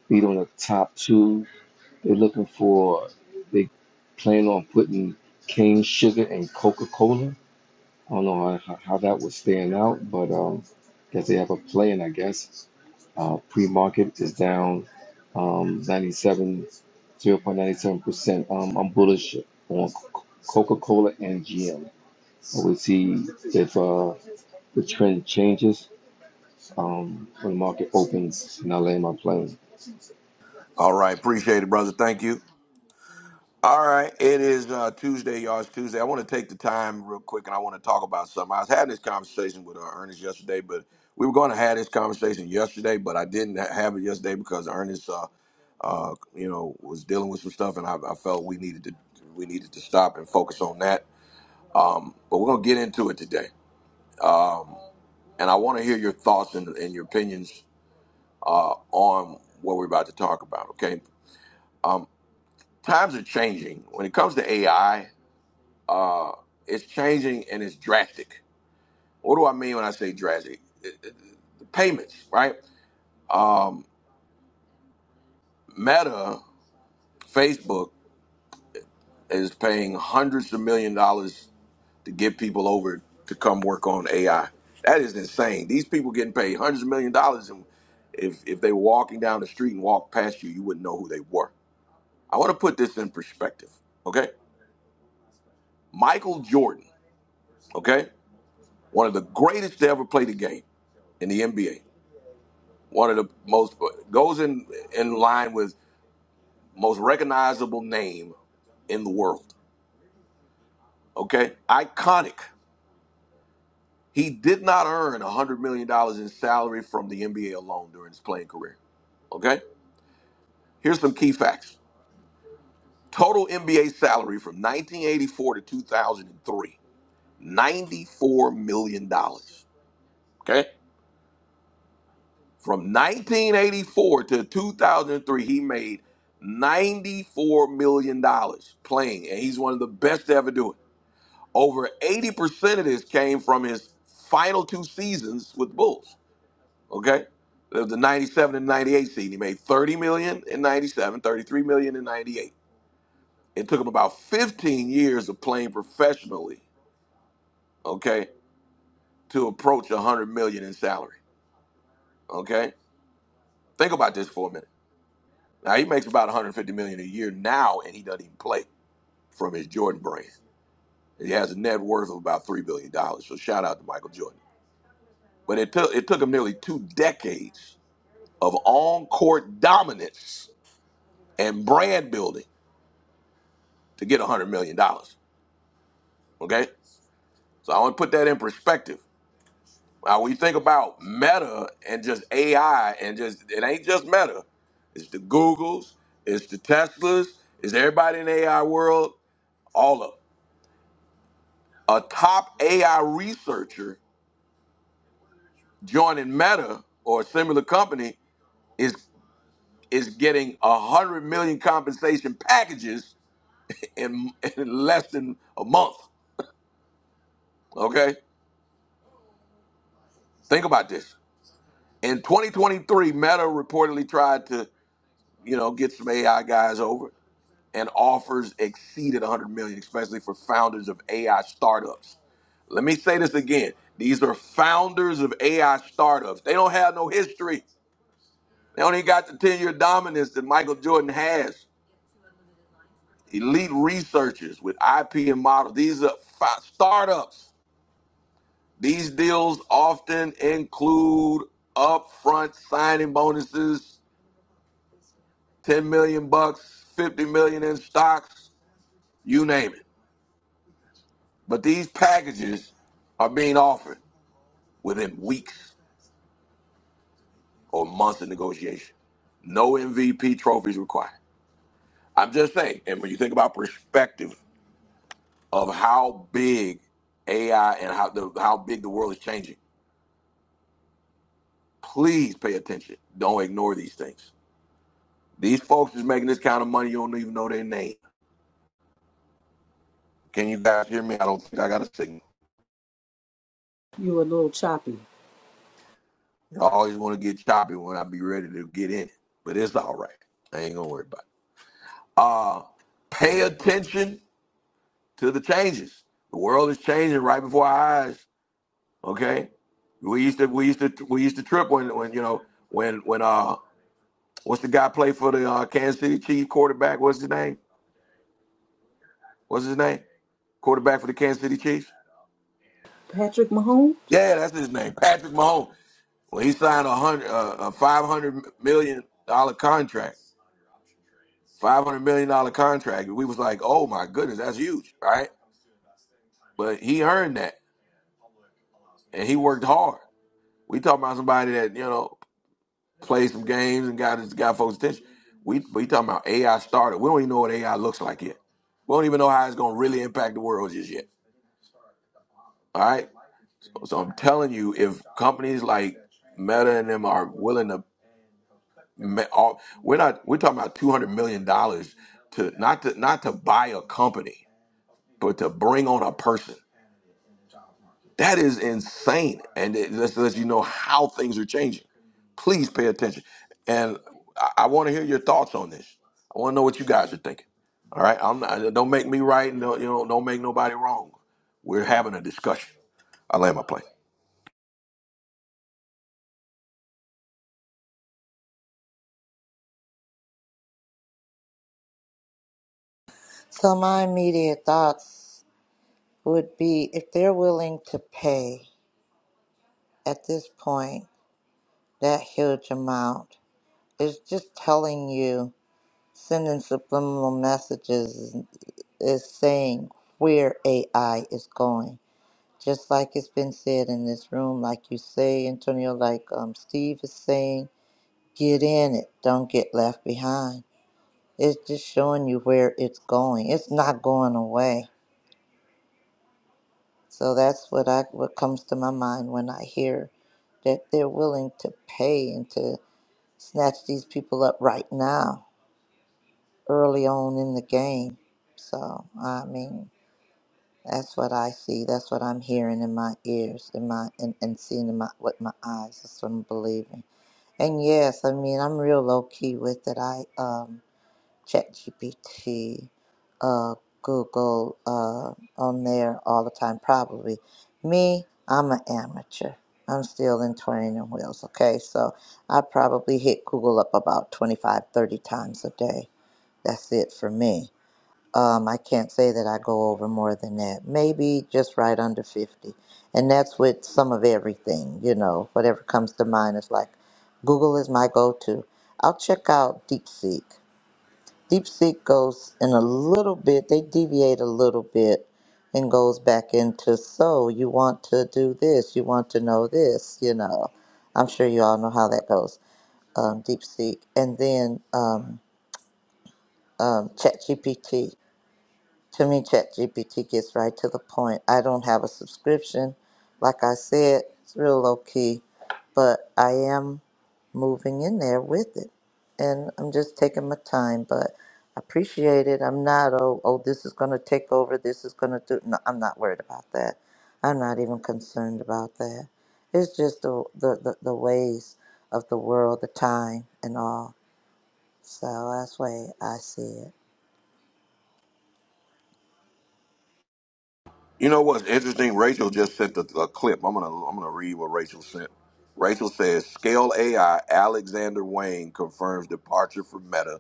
beat on the top two They're looking for, they plan on putting cane sugar and Coca Cola. I don't know how, how that would stand out, but um, guess they have a plan, I guess. Uh, Pre market is down um, 97, 0.97%. Um, I'm bullish on Coca Cola and GM. We'll see if uh, the trend changes um, when the market opens and I land my plane. All right, appreciate it, brother. Thank you. All right, it is uh, Tuesday, y'all. It's Tuesday. I want to take the time real quick, and I want to talk about something. I was having this conversation with uh, Ernest yesterday, but we were going to have this conversation yesterday, but I didn't ha- have it yesterday because Ernest, uh, uh, you know, was dealing with some stuff, and I, I felt we needed to we needed to stop and focus on that. Um, but we're going to get into it today, um, and I want to hear your thoughts and, and your opinions uh, on what we're about to talk about. Okay, um, times are changing when it comes to AI. uh, it's changing and it's drastic. What do I mean when I say drastic? It- it- The payments, right? Um, Meta, Facebook is paying hundreds of million dollars to get people over to come work on AI. That is insane. These people getting paid hundreds of million dollars, and if if they were walking down the street and walked past you, you wouldn't know who they were. I want to put this in perspective, okay? Michael Jordan, okay, one of the greatest to ever play the game in the NBA one of the most goes in in line with most recognizable name in the world. Okay, iconic. He did not earn hundred million dollars in salary from the NBA alone during his playing career. Okay, here's some key facts. Total NBA salary from 1984 to 2003, 94 million dollars. Okay, from 1984 to 2003, he made 94 million dollars playing, and he's one of the best to ever do it. Over 80% of this came from his final two seasons with the Bulls. Okay? The 97 and 98 season. He made 30 million dollars in ninety-seven, thirty-three million 33 million in 98. It took him about 15 years of playing professionally, okay, to approach 100 million dollars in salary. Okay? Think about this for a minute. Now he makes about 150 million dollars a year now and he doesn't even play from his Jordan brand. He has a net worth of about 3 billion dollars. So shout out to Michael Jordan. But it took it took him nearly two decades of on court dominance and brand building to get $100 million. dollars. Okay? So I want to put that in perspective. Now, when you think about meta and just AI and just, it ain't just meta, it's the Googles, it's the Teslas, it's everybody in the AI world, all of 'em. A top AI researcher joining Meta or a similar company is is getting a hundred million compensation packages in, in less than a month. Okay, Think about this. In 2023, Meta reportedly tried to, you know, get some AI guys over, and offers exceeded 100 million, especially for founders of AI startups. Let me say this again. These are founders of AI startups. They don't have no history. They only got the 10-year dominance that Michael Jordan has. Elite researchers with IP and models. These are fi- startups. These deals often include upfront signing bonuses, 10 million bucks, 50 million in stocks, you name it. But these packages are being offered within weeks or months of negotiation. No MVP trophies required. I'm just saying, and when you think about perspective of how big AI and how the, how big the world is changing, please pay attention. Don't ignore these things. These folks is making this kind of money you don't even know their name. Can you guys hear me? I don't think I got a signal. You were a little choppy. I always want to get choppy when I be ready to get in, but it's all right. I ain't gonna worry about it. Uh, pay attention to the changes. The world is changing right before our eyes. Okay, we used to we used to we used to trip when when you know when when uh what's the guy play for the uh, Kansas City Chiefs quarterback? What's his name? What's his name? Quarterback for the Kansas City Chiefs? Patrick Mahomes? Yeah, that's his name, Patrick Mahomes. Well, he signed a hundred uh, a five hundred million dollar contract five hundred million dollar contract. We was like, oh my goodness, that's huge, right? But he earned that, and he worked hard. We talking about somebody that you know played some games and got his got folks' attention. We we talking about AI started. We don't even know what AI looks like yet. We don't even know how it's gonna really impact the world just yet. All right. So, so I'm telling you, if companies like Meta and them are willing to, ma- all- we're not we're talking about two hundred million dollars to not to not to buy a company, but to bring on a person That is insane. And it just lets you know how things are changing. Please pay attention. And I, I want to hear your thoughts on this. I want to know what you guys are thinking. All right. I'm not, uh, don't make me right and don't, you know, don't make nobody wrong. We're having a discussion. I land my plane. So, my immediate thoughts would be if they're willing to pay. at this point that huge amount. It's just telling you, sending subliminal messages is saying where AI is going. Just like it's been said in this room, like you say, Antonio, like um, Steve is saying, get in it, don't get left behind. It's just showing you where it's going. It's not going away. So that's what I what comes to my mind when I hear that they're willing to pay and to snatch these people up right now, early on in the game. So I mean, that's what I see. That's what I'm hearing in my ears, in my and, and seeing in my with my eyes. That's what I'm believing. And yes, I mean I'm real low key with it. I um ChatGPT, uh, Google uh, on there all the time, probably. Me, I'm an amateur. I'm still in training wheels, okay? So I probably hit Google up about 25, 30 times a day. That's it for me. Um, I can't say that I go over more than that. Maybe just right under 50. And that's with some of everything, you know, whatever comes to mind is like Google is my go to. I'll check out DeepSeek. Deep Seek goes in a little bit, they deviate a little bit and goes back into so you want to do this, you want to know this, you know. I'm sure you all know how that goes. Um, Deep Seek. And then um, um, Chat to me, ChatGPT gets right to the point. I don't have a subscription. Like I said, it's real low key, but I am moving in there with it. And I'm just taking my time, but I appreciate it. I'm not, oh, oh this is going to take over. This is going to do. No, I'm not worried about that. I'm not even concerned about that. It's just the, the, the, the ways of the world, the time, and all. So that's the way I see it. You know what's interesting? Rachel just sent a, a clip. I'm gonna I'm gonna read what Rachel sent. Rachel says, "Scale AI Alexander Wayne confirms departure from Meta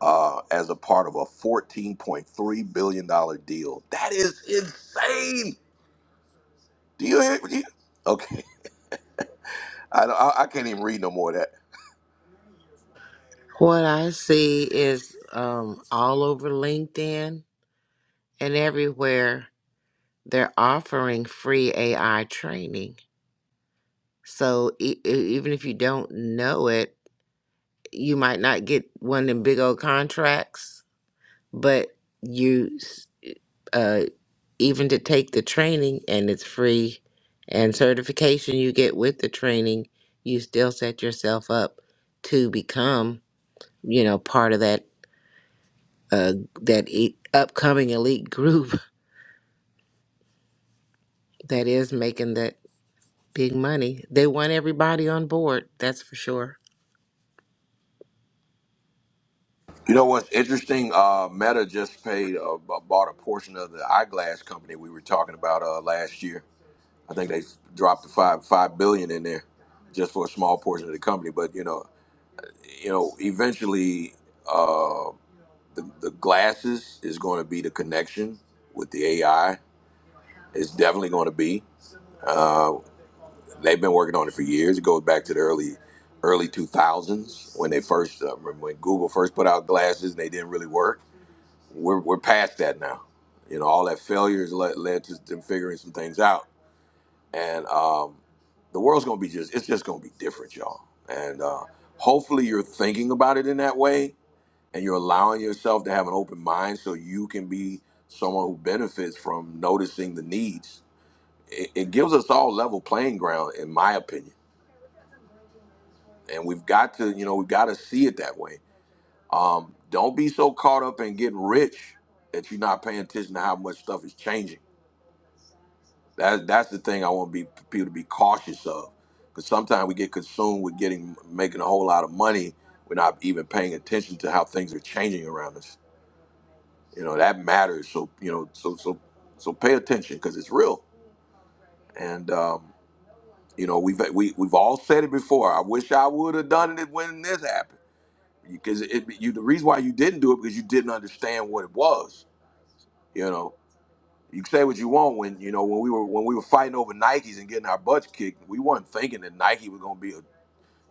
uh, as a part of a $14.3 billion dollars deal. That is insane. Do you hear? Do you- okay. I, don't- I, I can't even read no more of that. What I see is um, all over LinkedIn and everywhere they're offering free AI training. So e- e- even if you don't know it, you might not get one of them big old contracts, but you. even to take the training and it's free and certification you get with the training you still set yourself up to become you know part of that uh that e- upcoming elite group that is making that big money they want everybody on board that's for sure You know what's interesting? Uh, Meta just paid uh, b- bought a portion of the eyeglass company we were talking about uh, last year. I think they dropped the five five billion in there just for a small portion of the company. But you know, you know, eventually uh, the, the glasses is going to be the connection with the AI. It's definitely going to be. Uh, they've been working on it for years. It goes back to the early early 2000s when they first uh, when Google first put out glasses and they didn't really work. We're, we're past that now. You know, all that failures led, led to them figuring some things out, and um, the world's gonna be just it's just gonna be different, y'all. And uh, hopefully, you're thinking about it in that way, and you're allowing yourself to have an open mind so you can be someone who benefits from noticing the needs. It, it gives us all level playing ground, in my opinion and we've got to you know we've got to see it that way um, don't be so caught up in getting rich that you're not paying attention to how much stuff is changing that, that's the thing i want to be people to be cautious of because sometimes we get consumed with getting making a whole lot of money we're not even paying attention to how things are changing around us you know that matters so you know so so so pay attention because it's real and um, you know we've we, we've all said it before i wish i would have done it when this happened because it you the reason why you didn't do it because you didn't understand what it was. You know, you can say what you want when you know when we were when we were fighting over Nikes and getting our butts kicked. We weren't thinking that Nike was going to be a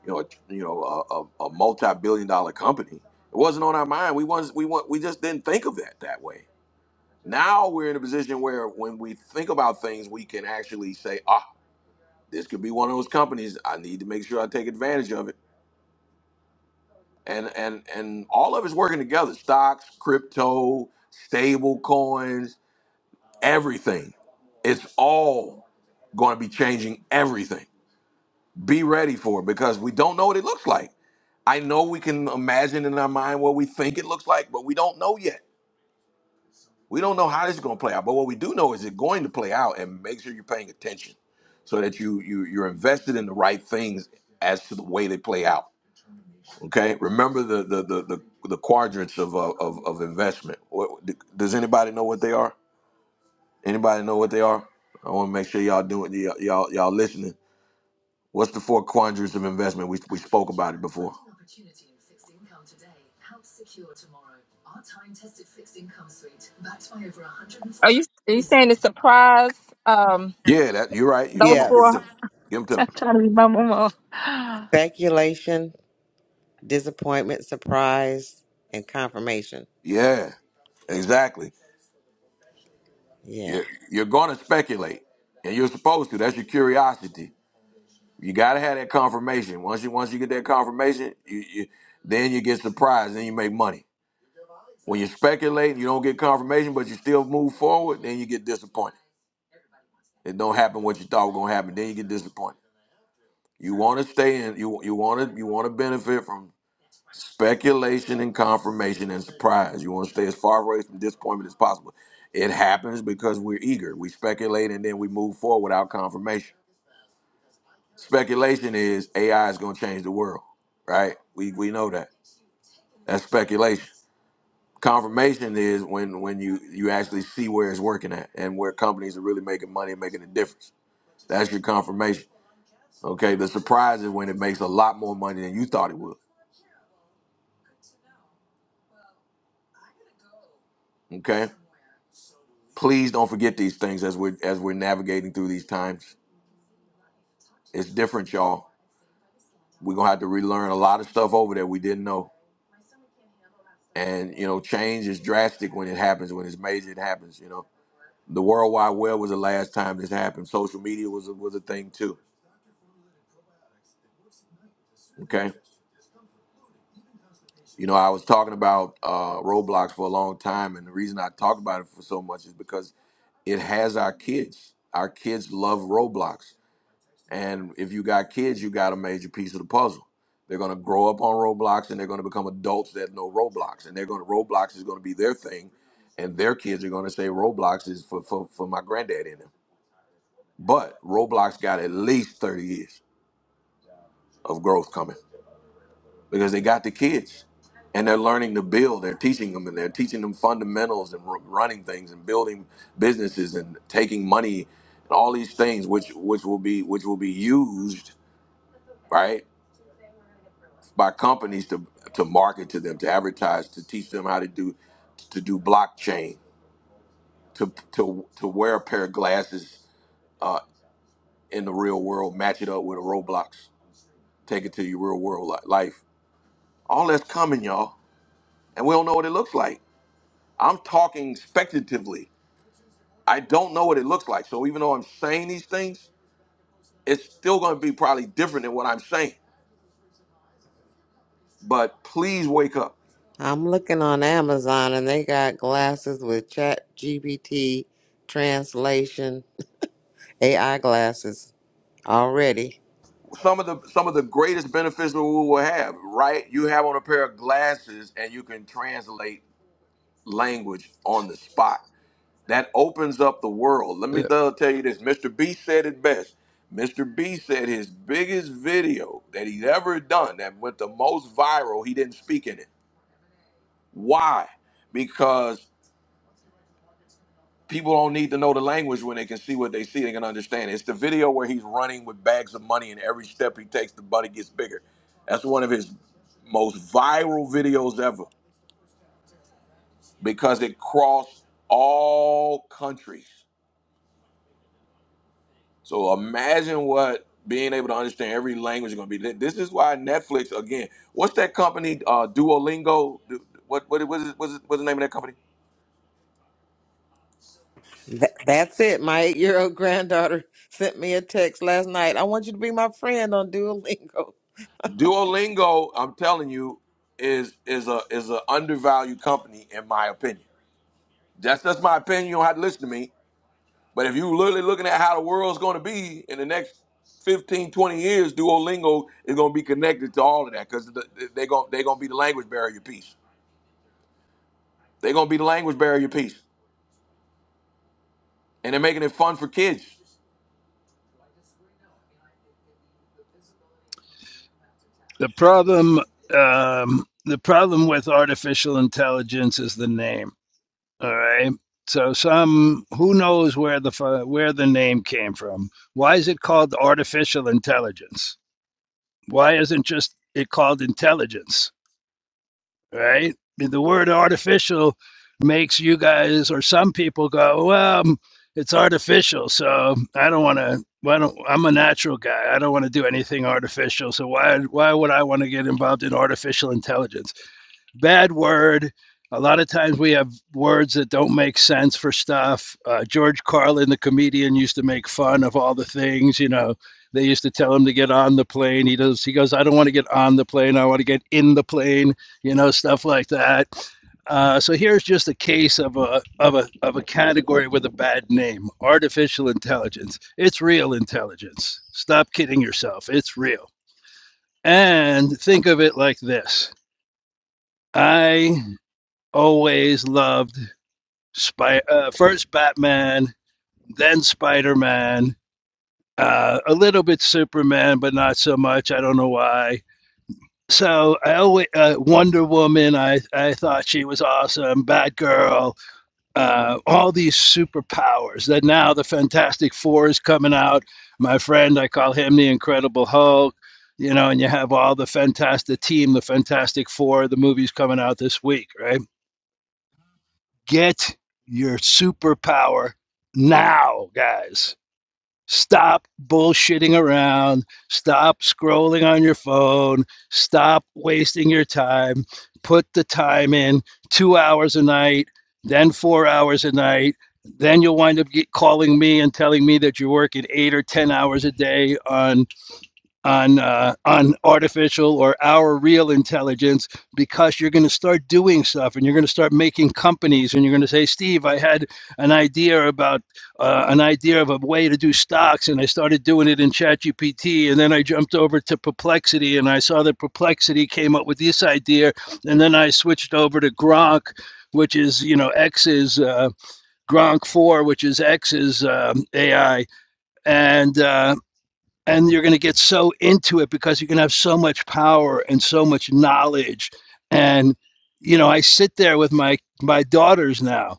you know a, you know a, a, a multi billion dollar company. It wasn't on our mind. We was we want we just didn't think of that that way. Now we're in a position where when we think about things, we can actually say, ah, this could be one of those companies. I need to make sure I take advantage of it and and and all of it's working together stocks crypto stable coins everything it's all going to be changing everything be ready for it because we don't know what it looks like i know we can imagine in our mind what we think it looks like but we don't know yet we don't know how this is going to play out but what we do know is it's going to play out and make sure you're paying attention so that you, you you're invested in the right things as to the way they play out Okay, remember the the the the, the quadrants of, uh, of of investment. What does anybody know what they are? Anybody know what they are? I want to make sure y'all doing y'all y'all y'all listening. What's the four quadrants of investment? We we spoke about it before. Are you are you saying the surprise? Um, Yeah, that you're right. You come those on, give it Yes. four. to me. Give them to I'm me. trying to remember them all. Speculation, disappointment, surprise, and confirmation. Yeah, exactly. Yeah. You're, you're going to speculate, and you're supposed to. That's your curiosity. You gotta have that confirmation. Once you once you get that confirmation, you, you then you get surprised, then you make money. When you speculate, you don't get confirmation, but you still move forward, then you get disappointed. It don't happen what you thought was gonna happen, then you get disappointed. You wanna stay in you you wanna you wanna benefit from speculation and confirmation and surprise. You wanna stay as far away from disappointment as possible. It happens because we're eager. We speculate and then we move forward without confirmation. Speculation is AI is going to change the world, right? We we know that. That's speculation. Confirmation is when when you you actually see where it's working at and where companies are really making money and making a difference. That's your confirmation. Okay. The surprise is when it makes a lot more money than you thought it would. Okay. Please don't forget these things as we're as we're navigating through these times. It's different, y'all. We're gonna have to relearn a lot of stuff over there we didn't know. And you know, change is drastic when it happens. When it's major, it happens. You know The World Wide Web was the last time this happened. Social media was a, was a thing too. Okay, you know I was talking about uh, Roblox for a long time, and the reason I talk about it for so much is because it has our kids. Our kids love Roblox, and if you got kids, you got a major piece of the puzzle. They're gonna grow up on Roblox, and they're gonna become adults that know Roblox, and they're gonna Roblox is gonna be their thing, and their kids are gonna say Roblox is for for, for my granddad in them. But Roblox got at least thirty years of growth coming because they got the kids and they're learning to build they're teaching them and they're teaching them fundamentals and ru- running things and building businesses and taking money and all these things which which will be which will be used right by companies to to market to them to advertise to teach them how to do to do blockchain to to to wear a pair of glasses uh, in the real world match it up with a roblox take it to your real world li- life all that's coming y'all and we don't know what it looks like I'm talking speculatively. I don't know what it looks like. So even though I'm saying these things, it's still going to be probably different than what I'm saying. But please wake up. I'm looking on Amazon and they got glasses with chat GPT translation AI glasses already. Some of the some of the greatest benefits that we will have, right? You have on a pair of glasses and you can translate language on the spot. That opens up the world. Let me the tell tell you this. Mr. B said it best. Mr. B said his biggest video that he's ever done that went the most viral, he didn't speak in it Why? Because people don't need to know the language when they can see what they see, they can understand. it. It's the video where he's running with bags of money, and every step he takes, the money gets bigger. That's one of his most viral videos ever because it crossed all countries. So imagine what being able to understand every language is going to be. This is why Netflix again. What's that company? Uh, Duolingo. Du- What what was it? Was it? What's the name of that company? Th- that's it. My eight year old granddaughter sent me a text last night. I want you to be my friend on Duolingo. Duolingo, I'm telling you, is is a is an undervalued company in my opinion. That's just my opinion. You don't have to listen to me. But if you literally looking at how the world's going to be in the next 15 20 years, Duolingo is going to be connected to all of that because they're going they're going to be the language barrier piece. They're going to be the language barrier piece, and they're making it fun for kids. the problem um, the problem with artificial intelligence is the name. All right. So some who knows where the fu- where the name came from? Why is it called artificial intelligence? Why isn't just it called intelligence? right? The word artificial makes you guys or some people go, well, um, it's artificial, so I don't want to. Why don't I'm a natural guy. I don't want to do anything artificial. So why why would I want to get involved in artificial intelligence? bad word. A lot of times we have words that don't make sense for stuff. Uh, George Carlin, the comedian, used to make fun of all the things. You know, they used to tell him to get on the plane. He does. He goes, "I don't want to get on the plane. I want to get in the plane." You know, stuff like that. Uh, so here's just a case of a of a of a category with a bad name: artificial intelligence. It's real intelligence. Stop kidding yourself. It's real. And think of it like this: I always loved Spy- uh, first Batman, then Spider Man, uh, a little bit Superman, but not so much. I don't know why. So I always uh, Wonder Woman. I I thought she was awesome. Batgirl. Uh, all these superpowers. That now the Fantastic Four is coming out. My friend, I call him the Incredible Hulk. You know, and you have all the fantastic team, the Fantastic Four. The movie's coming out this week, right? Get your superpower now, guys. Stop bullshitting around. Stop scrolling on your phone. Stop wasting your time. Put the time in two hours a night, then four hours a night. Then you'll wind up get, calling me and telling me that you're working eight or 10 hours a day on on uh, on artificial or our real intelligence because you're going to start doing stuff and you're going to start making companies and you're going to say steve i had an idea about uh, an idea of a way to do stocks and i started doing it in ChatGPT, and then i jumped over to perplexity and i saw that perplexity came up with this idea and then i switched over to Grok, which is you know x's uh, gronk 4 which is x's um, ai and uh, and you're going to get so into it because you're going to have so much power and so much knowledge and you know i sit there with my my daughters now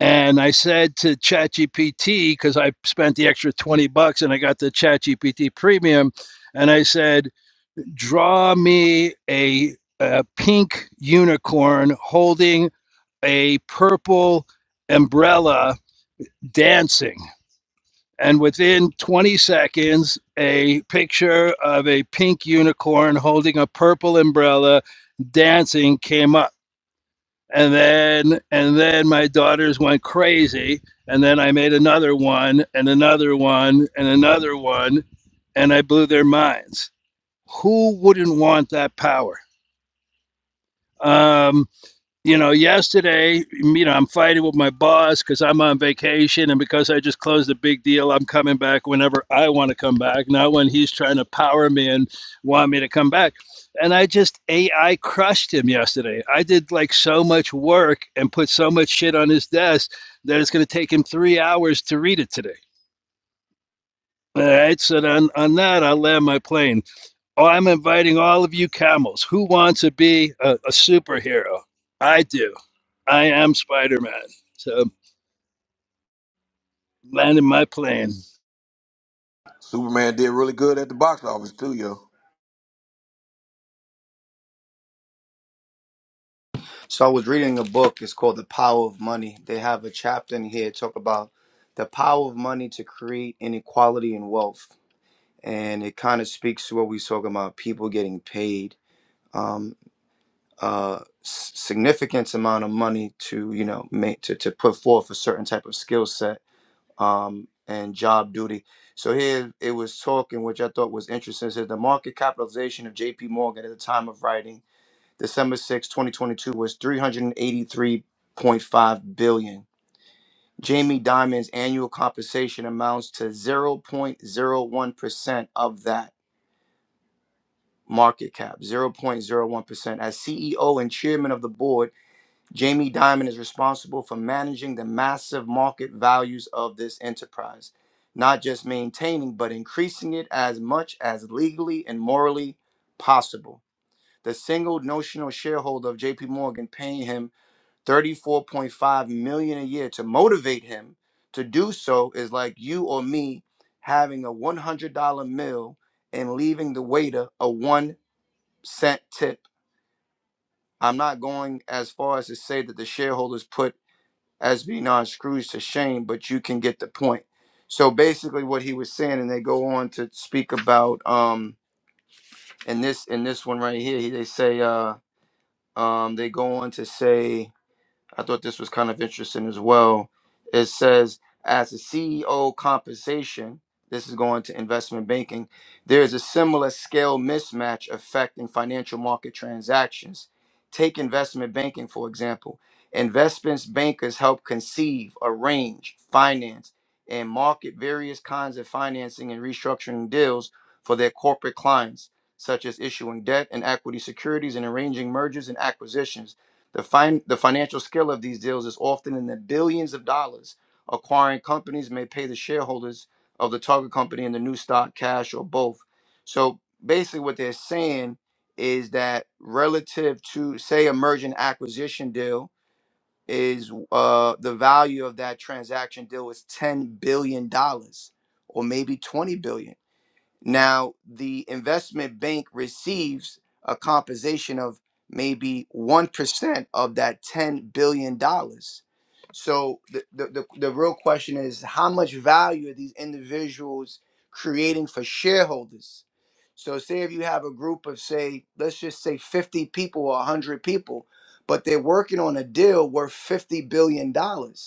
and i said to chatgpt because i spent the extra 20 bucks and i got the chatgpt premium and i said draw me a, a pink unicorn holding a purple umbrella dancing and within 20 seconds, a picture of a pink unicorn holding a purple umbrella dancing came up. And then and then my daughters went crazy. And then I made another one and another one and another one. And I blew their minds. Who wouldn't want that power? Um, you know, yesterday, you know, I'm fighting with my boss because I'm on vacation and because I just closed a big deal, I'm coming back whenever I want to come back, not when he's trying to power me and want me to come back. And I just AI crushed him yesterday. I did like so much work and put so much shit on his desk that it's going to take him three hours to read it today. All right. So then on that, I'll land my plane. Oh, I'm inviting all of you camels. Who wants to be a, a superhero? I do. I am Spider Man. So landing my plane. Superman did really good at the box office too, yo. So I was reading a book. It's called The Power of Money. They have a chapter in here talk about the power of money to create inequality and wealth, and it kind of speaks to what we was talking about: people getting paid um, a s- significant amount of money to, you know, make to to put forth a certain type of skill set um, and job duty. So here it was talking, which I thought was interesting. It said the market capitalization of JP Morgan at the time of writing, December sixth, 2022, was 383.5 billion. Jamie Dimon's annual compensation amounts to 0.01% of that market cap, 0.01%. As CEO and chairman of the board, Jamie Dimon is responsible for managing the massive market values of this enterprise, not just maintaining, but increasing it as much as legally and morally possible. The single notional shareholder of JP Morgan paying him 34.5 million dollars a year to motivate him to do so is like you or me having a $100 meal and leaving the waiter a 1 cent tip. I'm not going as far as to say that the shareholders put as being on Scrooge to shame, but you can get the point. So basically, what he was saying, and they go on to speak about um in this in this one right here, he- they say uh um they go on to say I thought this was kind of interesting as well. It says, as a CEO compensation, this is going to investment banking, there is a similar scale mismatch effect in financial market transactions. Take investment banking, for example. Investments bankers help conceive, arrange, finance, and market various kinds of financing and restructuring deals for their corporate clients, such as issuing debt and equity securities and arranging mergers and acquisitions. The, fin- the financial scale of these deals is often in the billions of dollars. Acquiring companies may pay the shareholders of the target company in the new stock, cash, or both. So basically, what they're saying is that relative to, say, a merger and acquisition deal, is uh, the value of that transaction deal is ten billion dollars, or maybe twenty billion. Now, the investment bank receives a compensation of maybe 1% of that $10 billion. dollars. So, the, the, the, the real question is how much value are these individuals creating for shareholders? So, say if you have a group of, say, let's just say 50 people or 100 people, but they're working on a deal worth $50 billion. dollars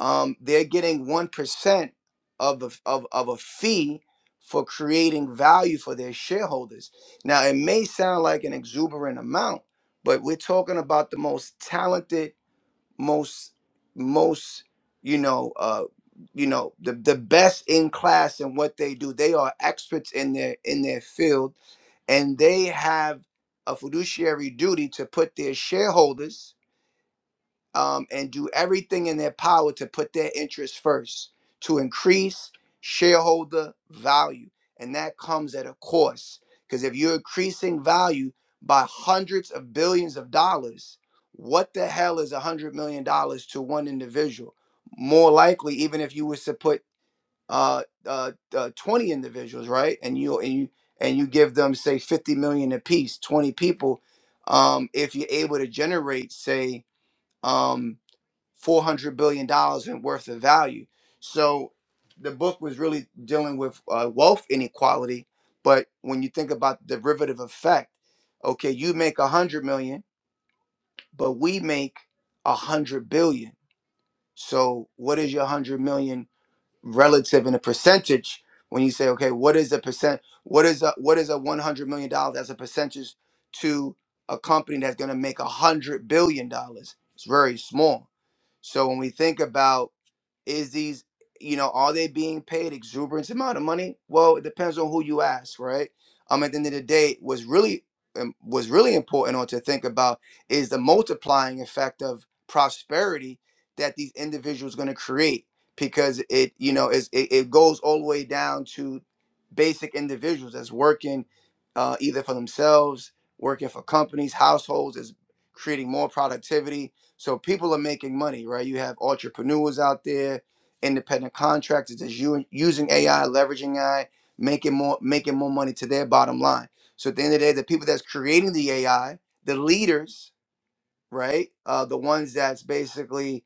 um, they're getting one percent of the of, of a fee for creating value for their shareholders. Now it may sound like an exuberant amount, but we're talking about the most talented, most most you know uh you know the, the best in class in what they do. They are experts in their in their field and they have a fiduciary duty to put their shareholders um, and do everything in their power to put their interests first to increase shareholder value. And that comes at a cost. Because if you're increasing value by hundreds of billions of dollars, what the hell is a $100 million dollars to one individual? More likely, even if you was to put uh, uh, uh, 20 individuals, right? And you, and you, and you give them say 50 million apiece, 20 people. Um, if you're able to generate, say, um, four hundred billion dollars in worth of value. So the book was really dealing with uh, wealth inequality. But when you think about the derivative effect, okay, you make a hundred million, but we make a hundred billion. So what is your one hundred million relative in a percentage? When you say, okay, what is a percent? What is a what is a one hundred million dollars as a percentage to a company that's going to make a hundred billion dollars? It's very small. So when we think about is these you know are they being paid exuberant amount of money well it depends on who you ask right um at the end of the day was really um, was really important on to think about is the multiplying effect of prosperity that these individuals going to create because it you know is it, it goes all the way down to basic individuals that's working uh, either for themselves working for companies households is creating more productivity so people are making money, right? You have entrepreneurs out there, independent contractors that's u- using AI, leveraging AI, making more making more money to their bottom line. So at the end of the day, the people that's creating the AI, the leaders, right? Uh, the ones that's basically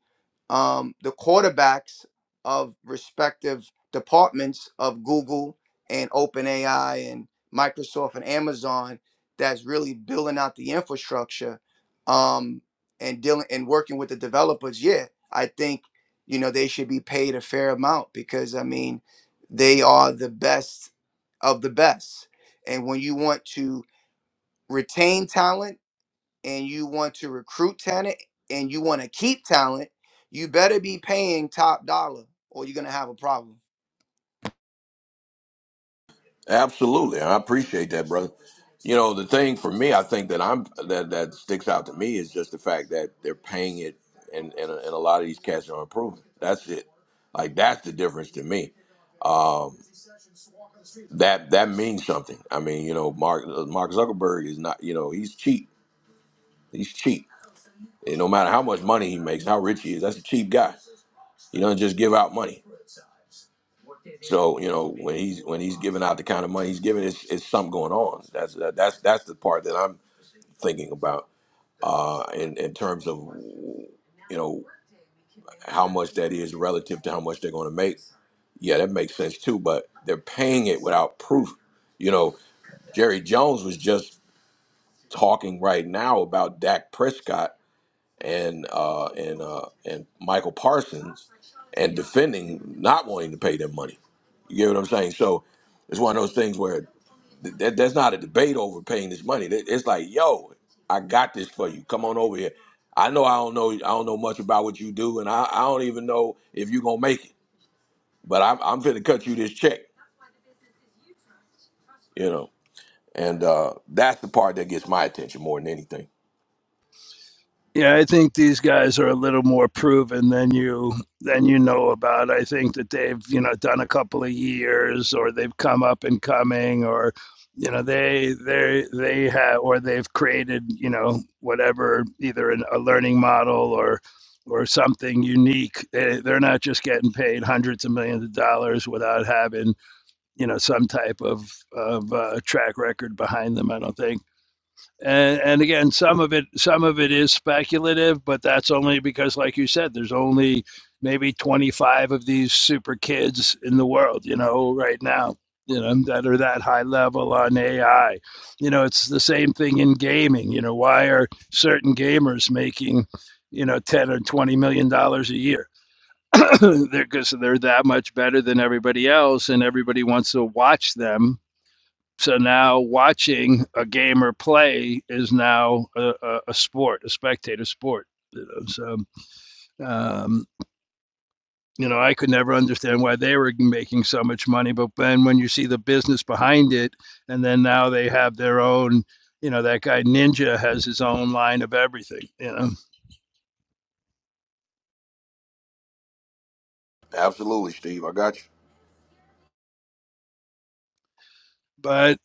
um, the quarterbacks of respective departments of Google and OpenAI and Microsoft and Amazon that's really building out the infrastructure um, and dealing and working with the developers. Yeah, I think you know they should be paid a fair amount because I mean they are the best of the best, and when you want to retain talent and you want to recruit talent and you want to keep talent, you better be paying top dollar or you're gonna have a problem. Absolutely, I appreciate that, brother. You know, the thing for me, I think that I'm that that sticks out to me is just the fact that they're paying it, and and, and a lot of these cats are improving. That's it. Like that's the difference to me. Um, that that means something. I mean, you know, Mark uh, Mark Zuckerberg is not. You know, he's cheap. He's cheap. And no matter how much money he makes, how rich he is, that's a cheap guy. He doesn't just give out money. So you know, when he's when he's giving out the kind of money he's giving, it's, it's something going on. That's that's that's the part that I'm thinking about uh, in in terms of you know how much that is relative to how much they're going to make. Yeah, that makes sense too. But they're paying it without proof. You know, Jerry Jones was just talking right now about Dak Prescott and uh, and uh, and Michael Parsons and defending not wanting to pay them money. You get what I'm saying? So it's one of those things where th- that, that's not a debate over paying this money. That- It's like, yo, I got this for you. Come on over here. I know I don't know I don't know much about what you do, and I, I don't even know if you're gonna make it. But I'm I'm finna cut you this check, you know. And uh, that's the part that gets my attention more than anything. Yeah, I think these guys are a little more proven than you than you know about. I think that they've, you know, done a couple of years or they've come up and coming or you know, they they they have or they've created, you know, whatever either an, a learning model or or something unique. They, they're not just getting paid hundreds of millions of dollars without having, you know, some type of of uh, track record behind them, I don't think and and again some of it some of it is speculative but that's only because like you said there's only maybe 25 of these super kids in the world you know right now you know that are that high level on ai you know it's the same thing in gaming you know why are certain gamers making you know 10 or 20 million dollars a year they're because they're that much better than everybody else and everybody wants to watch them so now watching a gamer play is now a, a, a sport, a spectator sport. You know? So, um, you know, I could never understand why they were making so much money. But then when you see the business behind it, and then now they have their own, you know, that guy Ninja has his own line of everything, you know. Absolutely, Steve. I got you. But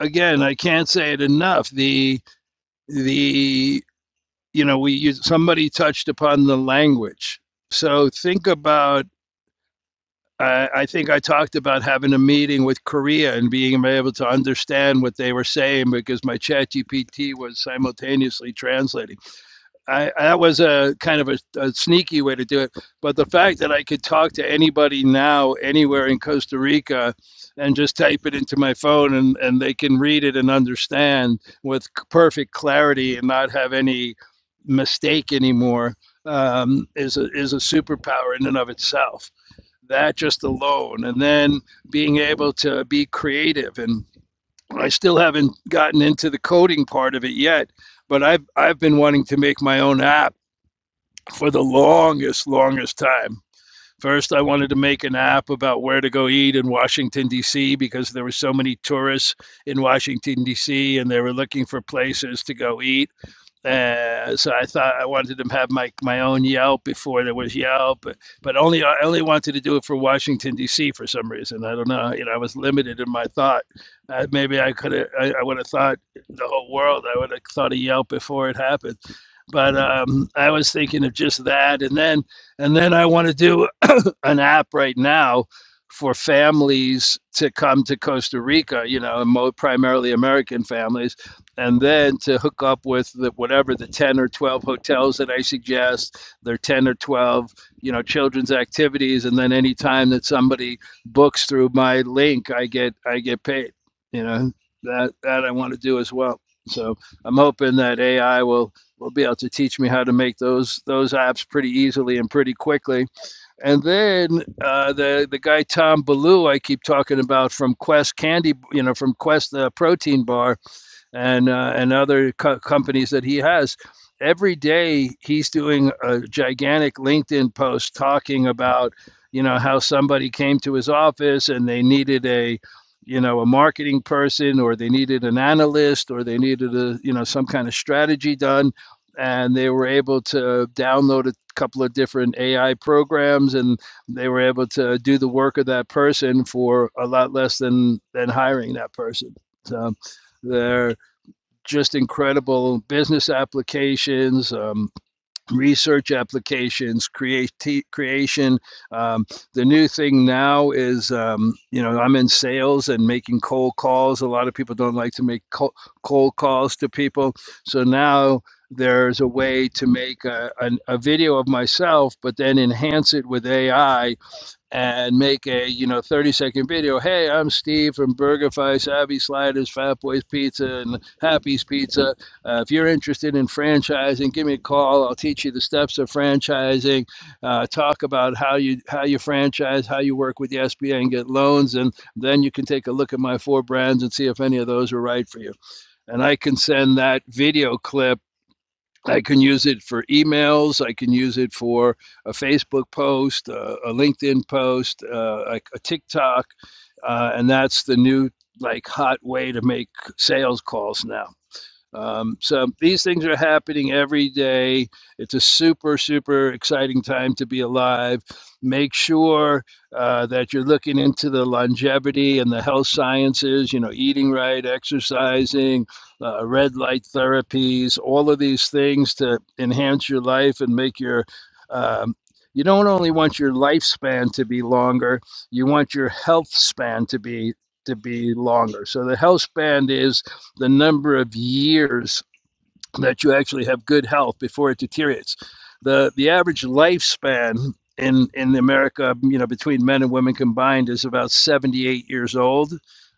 again, I can't say it enough. The, the, you know, we somebody touched upon the language. So think about I, I think I talked about having a meeting with Korea and being able to understand what they were saying because my chat GPT was simultaneously translating. I, that was a kind of a, a sneaky way to do it. But the fact that I could talk to anybody now, anywhere in Costa Rica, and just type it into my phone and, and they can read it and understand with perfect clarity and not have any mistake anymore um, is, a, is a superpower in and of itself that just alone and then being able to be creative and I still haven't gotten into the coding part of it yet but I've I've been wanting to make my own app for the longest longest time first I wanted to make an app about where to go eat in Washington DC because there were so many tourists in Washington DC and they were looking for places to go eat uh, so I thought I wanted to have my, my own Yelp before there was Yelp, but, but only I only wanted to do it for Washington D.C. for some reason. I don't know. You know, I was limited in my thought. Uh, maybe I could have. I, I would have thought the whole world. I would have thought of Yelp before it happened. But um, I was thinking of just that, and then and then I want to do an app right now for families to come to Costa Rica, you know, mo- primarily American families, and then to hook up with the, whatever the 10 or 12 hotels that I suggest, their 10 or 12, you know, children's activities, and then any time that somebody books through my link, I get I get paid. You know, that that I want to do as well. So I'm hoping that AI will will be able to teach me how to make those those apps pretty easily and pretty quickly and then uh, the the guy Tom Ballou I keep talking about from Quest Candy, you know, from Quest uh, Protein Bar, and uh, and other co- companies that he has. Every day he's doing a gigantic LinkedIn post talking about you know how somebody came to his office and they needed a you know a marketing person or they needed an analyst or they needed a you know some kind of strategy done and they were able to download a couple of different AI programs and they were able to do the work of that person for a lot less than than hiring that person so are just incredible business applications, um, research applications, create creation. Um, the new thing now is, um, you know, I'm in sales and making cold calls. A lot of people don't like to make co- cold calls to people. So now there's a way to make a, an a video of myself, but then enhance it with AI and make a you know 30 second video hey i'm steve from burgerfi savvy sliders fat boys pizza and happy's pizza uh, if you're interested in franchising give me a call i'll teach you the steps of franchising uh, talk about how you how you franchise how you work with the sba and get loans and then you can take a look at my four brands and see if any of those are right for you and i can send that video clip I can use it for emails. I can use it for a Facebook post, uh, a LinkedIn post, uh, a, a TikTok, uh, and that's the new like hot way to make sales calls now. Um, so these things are happening every day. It's a super, super exciting time to be alive. Make sure uh, that you're looking into the longevity and the health sciences, you know, eating right, exercising, uh, red light therapies, all of these things to enhance your life and make your. Um, you don't only want your lifespan to be longer, you want your health span to be to be longer. So the health span is the number of years that you actually have good health before it deteriorates. The the average lifespan in in America, you know, between men and women combined is about 78 years old.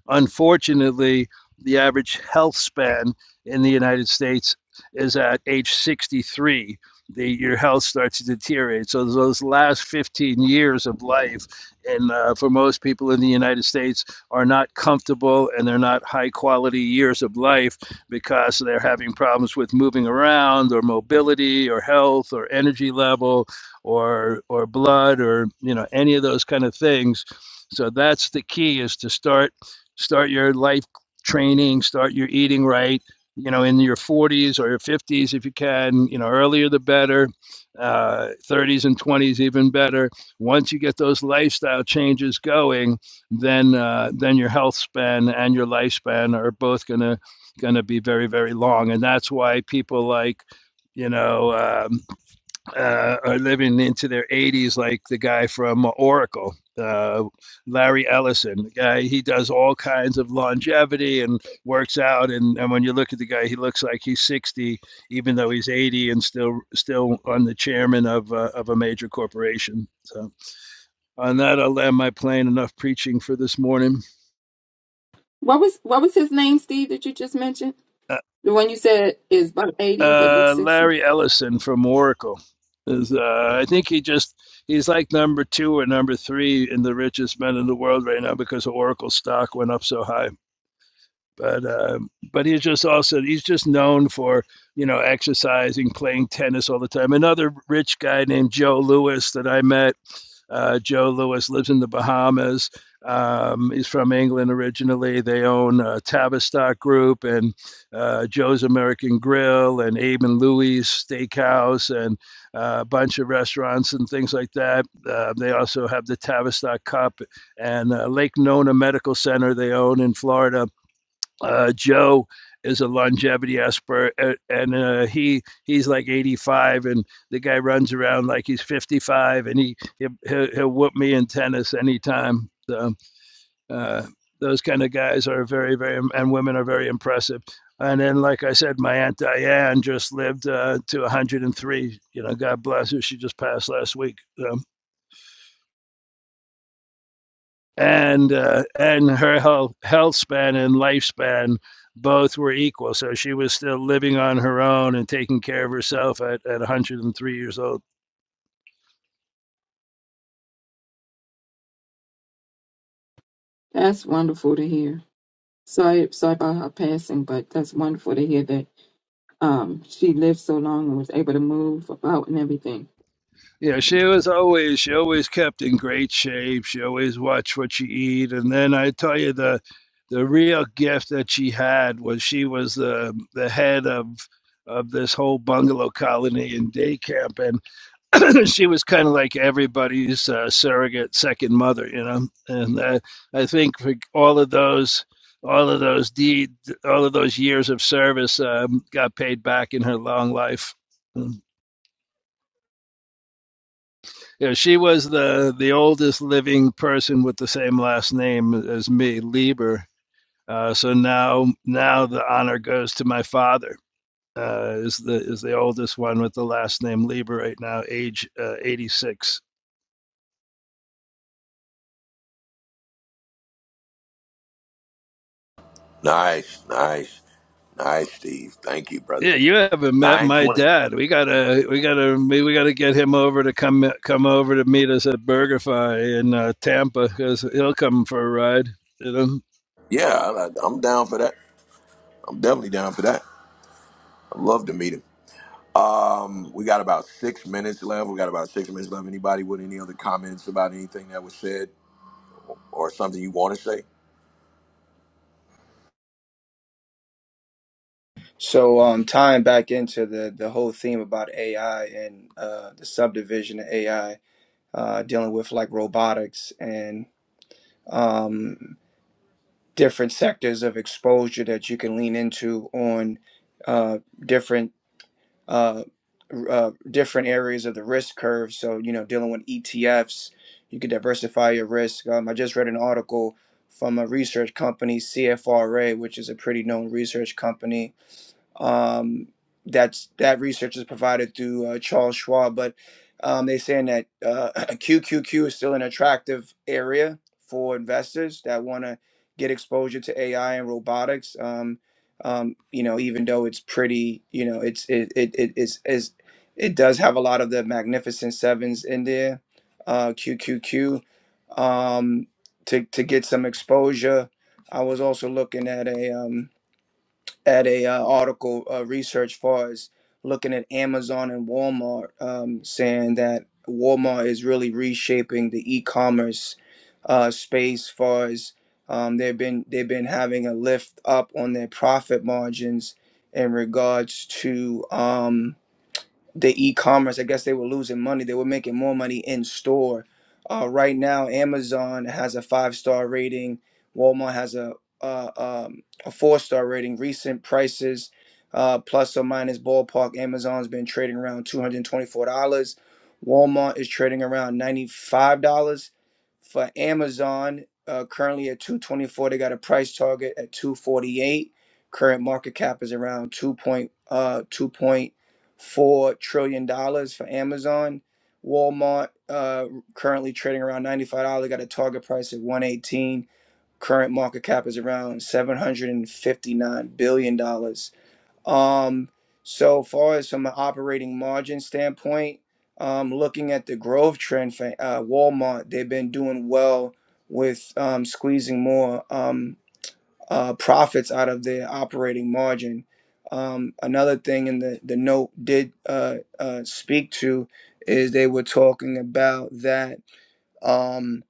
Unfortunately, the average health span in the United States is at age 63. The, your health starts to deteriorate. So those last 15 years of life, and uh, for most people in the United States, are not comfortable and they're not high quality years of life because they're having problems with moving around or mobility or health or energy level or or blood or you know any of those kind of things so that's the key is to start start your life training start your eating right you know in your 40s or your 50s if you can you know earlier the better uh, 30s and 20s even better once you get those lifestyle changes going then uh, then your health span and your lifespan are both going to going to be very, very long. And that's why people like, you know, um, uh, are living into their 80s, like the guy from Oracle, uh, Larry Ellison. The guy, he does all kinds of longevity and works out. And, and when you look at the guy, he looks like he's 60, even though he's 80 and still still on the chairman of, uh, of a major corporation. So on that, I'll land my plane. Enough preaching for this morning. What was what was his name, Steve, that you just mentioned? The one you said is about eighty but looks uh, sixty. Larry Ellison from Oracle. Is, uh, I think he just he's like number two or number three in the richest men in the world right now because Oracle stock went up so high but um, but he's just also he's just known for you know exercising, playing tennis all the time. Another rich guy named Joe Lewis that I met. Uh, Joe Lewis lives in the Bahamas. Um, he's from England originally. They own uh, Tavistock Group and uh, Joe's American Grill and Abe and Louie's Steakhouse and uh, a bunch of restaurants and things like that. Uh, they also have the Tavistock Cup and uh, Lake Nona Medical Center they own in Florida uh, Joe is a longevity expert, uh, and uh, he he's like 85, and the guy runs around like he's 55, and he he'll, he'll he'll whoop me in tennis anytime. So, uh, those kind of guys are very very and women are very impressive. And then, like I said, my aunt Diane just lived uh, to 103. You know, God bless her. She just passed last week. So, and uh, and her health health span and lifespan both were equal. So she was still living on her own and taking care of herself at, at 103 years old. That's wonderful to hear. Sorry sorry about her passing, but that's wonderful to hear that um she lived so long and was able to move about and everything. Yeah, she was always she always kept in great shape. She always watched what she eat, and then I tell you the the real gift that she had was she was the the head of of this whole bungalow colony and day camp, and she was kind of like everybody's uh, surrogate second mother, you know. And uh, I think for all of those all of those deed all of those years of service um, got paid back in her long life. Mm. You know, she was the the oldest living person with the same last name as me, Lieber. Uh, so now now the honor goes to my father. Uh, is the is the oldest one with the last name Lieber right now, age uh, 86. Nice, nice, nice, Steve. Thank you, brother. Yeah, you haven't met my 920. dad. We gotta we gotta we gotta get him over to come come over to meet us at BurgerFi in uh, Tampa because he'll come for a ride. You know. Yeah, I, I'm down for that. I'm definitely down for that. I'd love to meet him. Um, we got about six minutes left. We got about six minutes left. Anybody with any other comments about anything that was said or something you want to say? So, um, tying back into the the whole theme about AI and uh, the subdivision of AI, uh, dealing with like robotics and um, different sectors of exposure that you can lean into on uh, different uh, uh, different areas of the risk curve. So, you know, dealing with ETFs, you could diversify your risk. Um, I just read an article from a research company, CFRA, which is a pretty known research company um, that's that research is provided through uh, Charles Schwab, but um, they're saying that uh, QQQ is still an attractive area for investors that want to get exposure to AI and robotics. Um, um, you know, even though it's pretty, you know, it's it it it is is it does have a lot of the magnificent sevens in there. Uh, QQQ um, to to get some exposure. I was also looking at a um, at a uh, article uh, research far as looking at Amazon and Walmart, um, saying that Walmart is really reshaping the e-commerce uh, space. Far as um, they've been they've been having a lift up on their profit margins in regards to. Um, the e-commerce i guess they were losing money they were making more money in store uh, right now amazon has a five star rating walmart has a uh, um, a four star rating recent prices uh, plus or minus ballpark amazon's been trading around $224 walmart is trading around $95 for amazon uh, currently at 224 they got a price target at 248 current market cap is around 2.2.2.2 four trillion dollars for Amazon. Walmart uh, currently trading around ninety five dollars. They Got a target price at one eighteen. Current market cap is around seven hundred and fifty nine billion dollars. Um, so far as from an operating margin standpoint, um, looking at the growth trend for uh, Walmart, they've been doing well with um, squeezing more. um uh, profits out of their operating margin. Um, another thing in the, the note did uh, uh, speak to is they were talking about that um,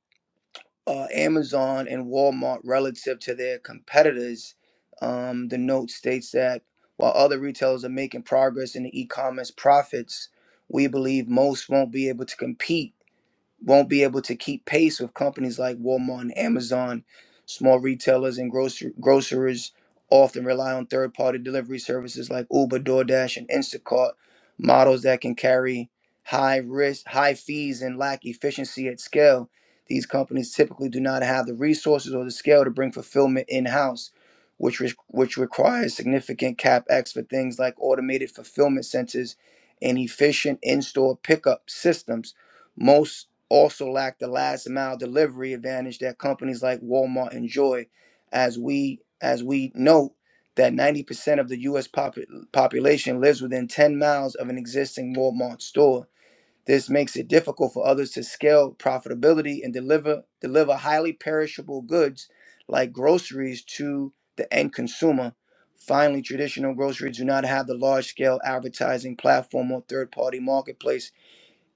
uh, Amazon and Walmart, relative to their competitors, um, the note states that while other retailers are making progress in the e commerce profits, we believe most won't be able to compete won't be able to keep pace with companies like Walmart and Amazon. Small retailers and grocer- grocers often rely on third party delivery services like Uber, DoorDash, and Instacart, models that can carry high risk, high fees, and lack efficiency at scale. These companies typically do not have the resources or the scale to bring fulfillment in house, which, re- which requires significant capex for things like automated fulfillment centers and efficient in store pickup systems. Most also lack the last mile delivery advantage that companies like Walmart enjoy as we as we note that 90% of the US popu- population lives within 10 miles of an existing Walmart store. This makes it difficult for others to scale profitability and deliver deliver highly perishable goods like groceries to the end consumer. Finally, traditional groceries do not have the large-scale advertising platform or third-party marketplaces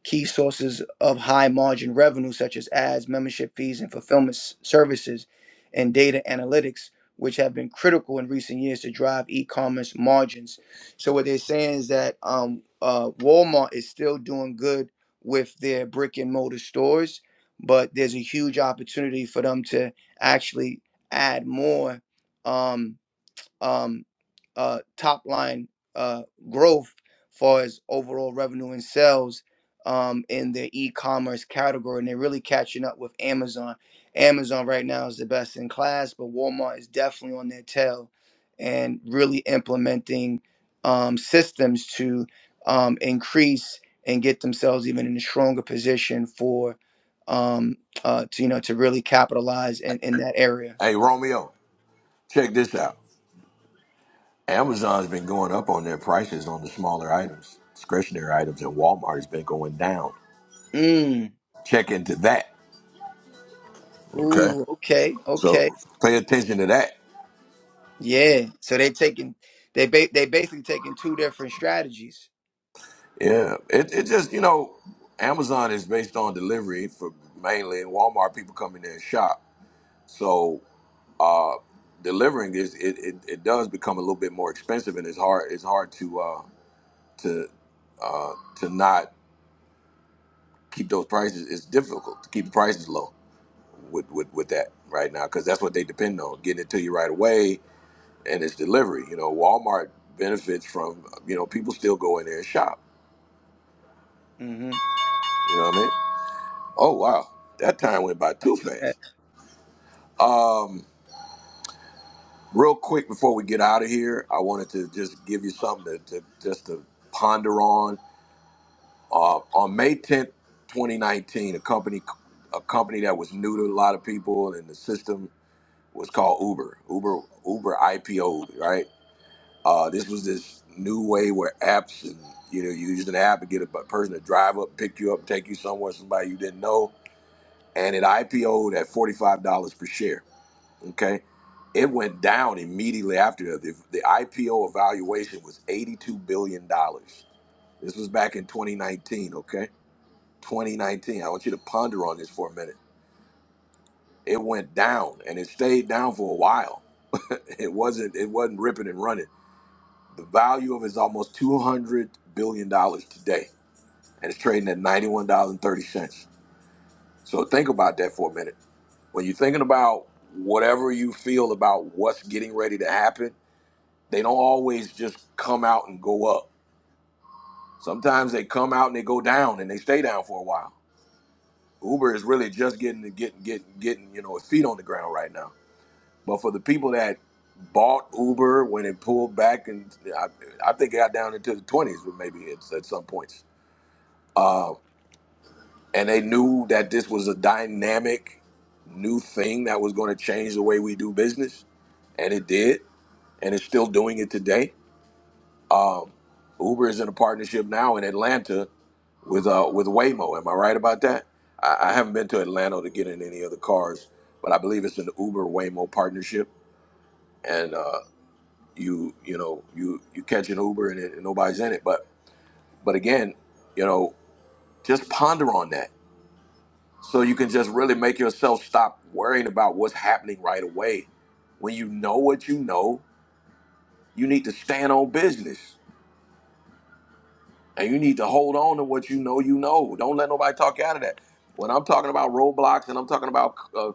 Key sources of high margin revenue, such as ads, membership fees, and fulfillment s- services, and data analytics, which have been critical in recent years to drive e commerce margins. So, what they're saying is that um, uh, Walmart is still doing good with their brick and mortar stores, but there's a huge opportunity for them to actually add more. Um, um, uh, top line uh, growth far as overall revenue and sales um, in the e-commerce category, and they're really catching up with Amazon. Amazon right now is the best in class, but Walmart is definitely on their tail and really implementing um, systems to um, increase and get themselves even in a stronger position for um, uh, to you know to really capitalize in, in that area. Hey, Romeo, check this out. Amazon's been going up on their prices on the smaller items, discretionary items, and Walmart's been going down. Mm. Check into that. Okay. Ooh, okay, So okay. pay attention to that. Yeah. So they taking they ba- they basically taking two different strategies. Yeah, it it just you know, Amazon is based on delivery for mainly, and Walmart people come in there and shop. So uh, delivering is it, it, it does become a little bit more expensive, and it's hard it's hard to uh, to uh, to not keep those prices. It's difficult to keep the prices low with with, with that right now because that's what they depend on getting it to you right away, and it's delivery. You know, Walmart benefits from you know people still go in there and shop. hmm You know what I mean? Oh wow, that time went by too fast. Um, real quick before we get out of here, I wanted to just give you something to, to just to ponder on. Uh, on May 10th, 2019, a company a company that was new to a lot of people and the system was called Uber. Uber Uber IPO, right? Uh, this was this new way where apps and you know you used an app to get a person to drive up, pick you up, take you somewhere, somebody you didn't know, and it IPO'd at forty five dollars per share Okay. It went down immediately after that. The, the IPO evaluation was $82 billion. dollars. This was back in 2019, okay? 2019. I want you to ponder on this for a minute. It went down and it stayed down for a while. it wasn't it wasn't ripping and running. The value of it is almost 200 billion dollars today and it's trading at $91.30. So think about that for a minute. When you're thinking about whatever you feel about what's getting ready to happen, They don't always just come out and go up. Sometimes they come out and they go down and they stay down for a while. Uber is really just getting getting getting getting you know its feet on the ground right now. But for the people that bought Uber when it pulled back and I, I think it got down into the twenties, but maybe it's at some points. Uh, and they knew that this was a dynamic new thing that was going to change the way we do business, and it did, and it's still doing it today Um, Uber is in a partnership now in Atlanta with uh, with Waymo. Am I right about that? I, I haven't been to Atlanta to get in any other cars, but I believe it's an Uber Waymo partnership, and uh, you you know you you catch an Uber and, it, and nobody's in it. But but again, you know, just ponder on that so you can just really make yourself stop worrying about what's happening right away. When you know what you know, you need to stand on business. And you need to hold on to what you know you know. Don't let nobody talk you out of that. When I'm talking about Roblox and I'm talking about uh,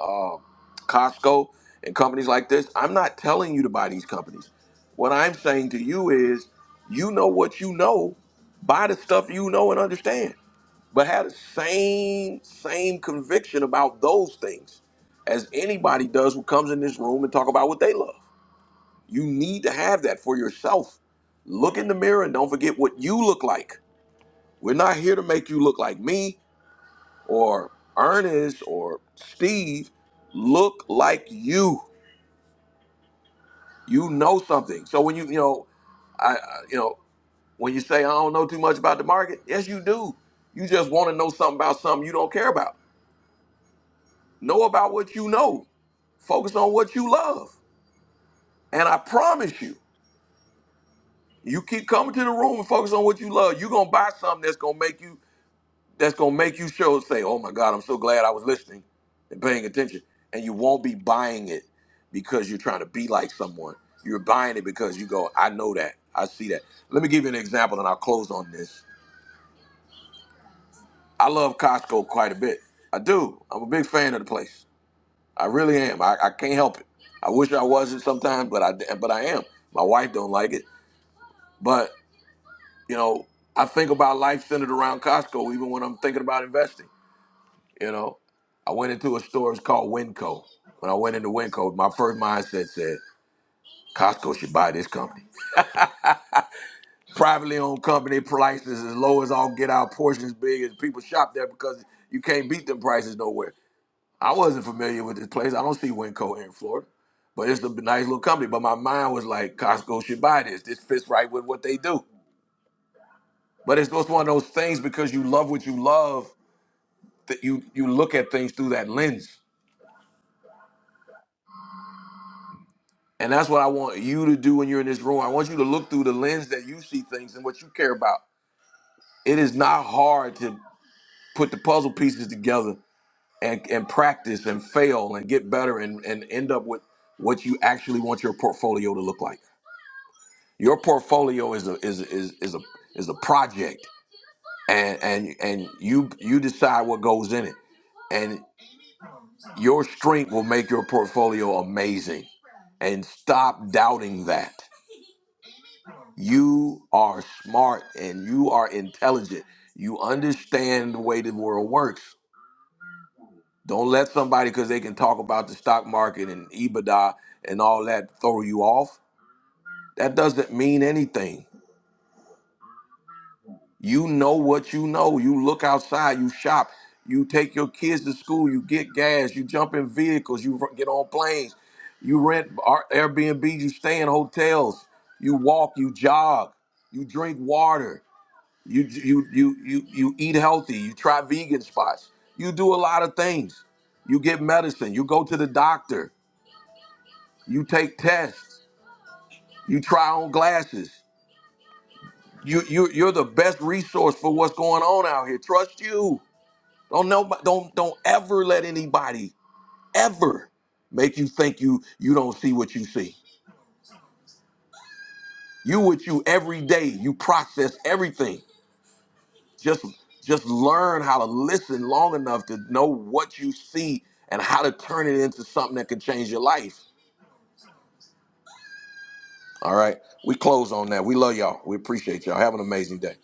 uh, Costco and companies like this, I'm not telling you to buy these companies. What I'm saying to you is, you know what you know, buy the stuff you know and understand, but have the same same conviction about those things as anybody does who comes in this room and talk about what they love. You need to have that for yourself. Look in the mirror and don't forget what you look like we're not here to make you look like me or Ernest or Steve. Look like you. You know something. So when you you know, I I- you know when you say I don't know too much about the market, yes you do. You just want to know something about something you don't care about. Know about what you know. Focus on what you love. And I promise you, you keep coming to the room and focus on what you love. You're gonna buy something that's gonna make you that's gonna make you sure say, "Oh my God, I'm so glad I was listening and paying attention." And you won't be buying it because you're trying to be like someone. You're buying it because you go, "I know that. I see that." Let me give you an example, and I'll close on this. I love Costco quite a bit. I do. I'm a big fan of the place. I really am. I, I can't help it. I wish I wasn't sometimes, but I but I am. My wife don't like it, but you know, I think about life centered around Costco, even when I'm thinking about investing. You know, I went into a store. It's called Winco. When I went into Winco, my first mindset said Costco should buy this company. Privately owned company, prices as low as all get out, portions big, and people shop there because you can't beat them prices nowhere. I wasn't familiar with this place. I don't see Winco here in Florida, but it's a nice little company. But my mind was like, Costco should buy this. This fits right with what they do. But it's just one of those things because you love what you love that you you look at things through that lens. And that's what I want you to do when you're in this room. I want you to look through the lens that you see things and what you care about. It is not hard to put the puzzle pieces together and, and practice and fail and get better and, and end up with what you actually want your portfolio to look like. Your portfolio is a is is is a is a project and and and you you decide what goes in it. And your strength will make your portfolio amazing. And stop doubting that You are smart and you are intelligent. You understand the way the world works. Don't let somebody because they can talk about the stock market and EBITDA and all that throw you off. That doesn't mean anything. You know what you know. You look outside, you shop, you take your kids to school, you get gas, you jump in vehicles, you r- get on planes, you rent Ar- Airbnb, you stay in hotels, you walk, you jog, you drink water. You you you you you eat healthy. You try vegan spots. You do a lot of things. You get medicine. You go to the doctor. You take tests. You try on glasses. You you you're the best resource for what's going on out here. Trust you. Don't know. Don't don't ever let anybody ever make you think you you don't see what you see. You with you every day. You process everything. just just learn how to listen long enough to know what you see and how to turn it into something that can change your life all right we close on that we love y'all we appreciate y'all have an amazing day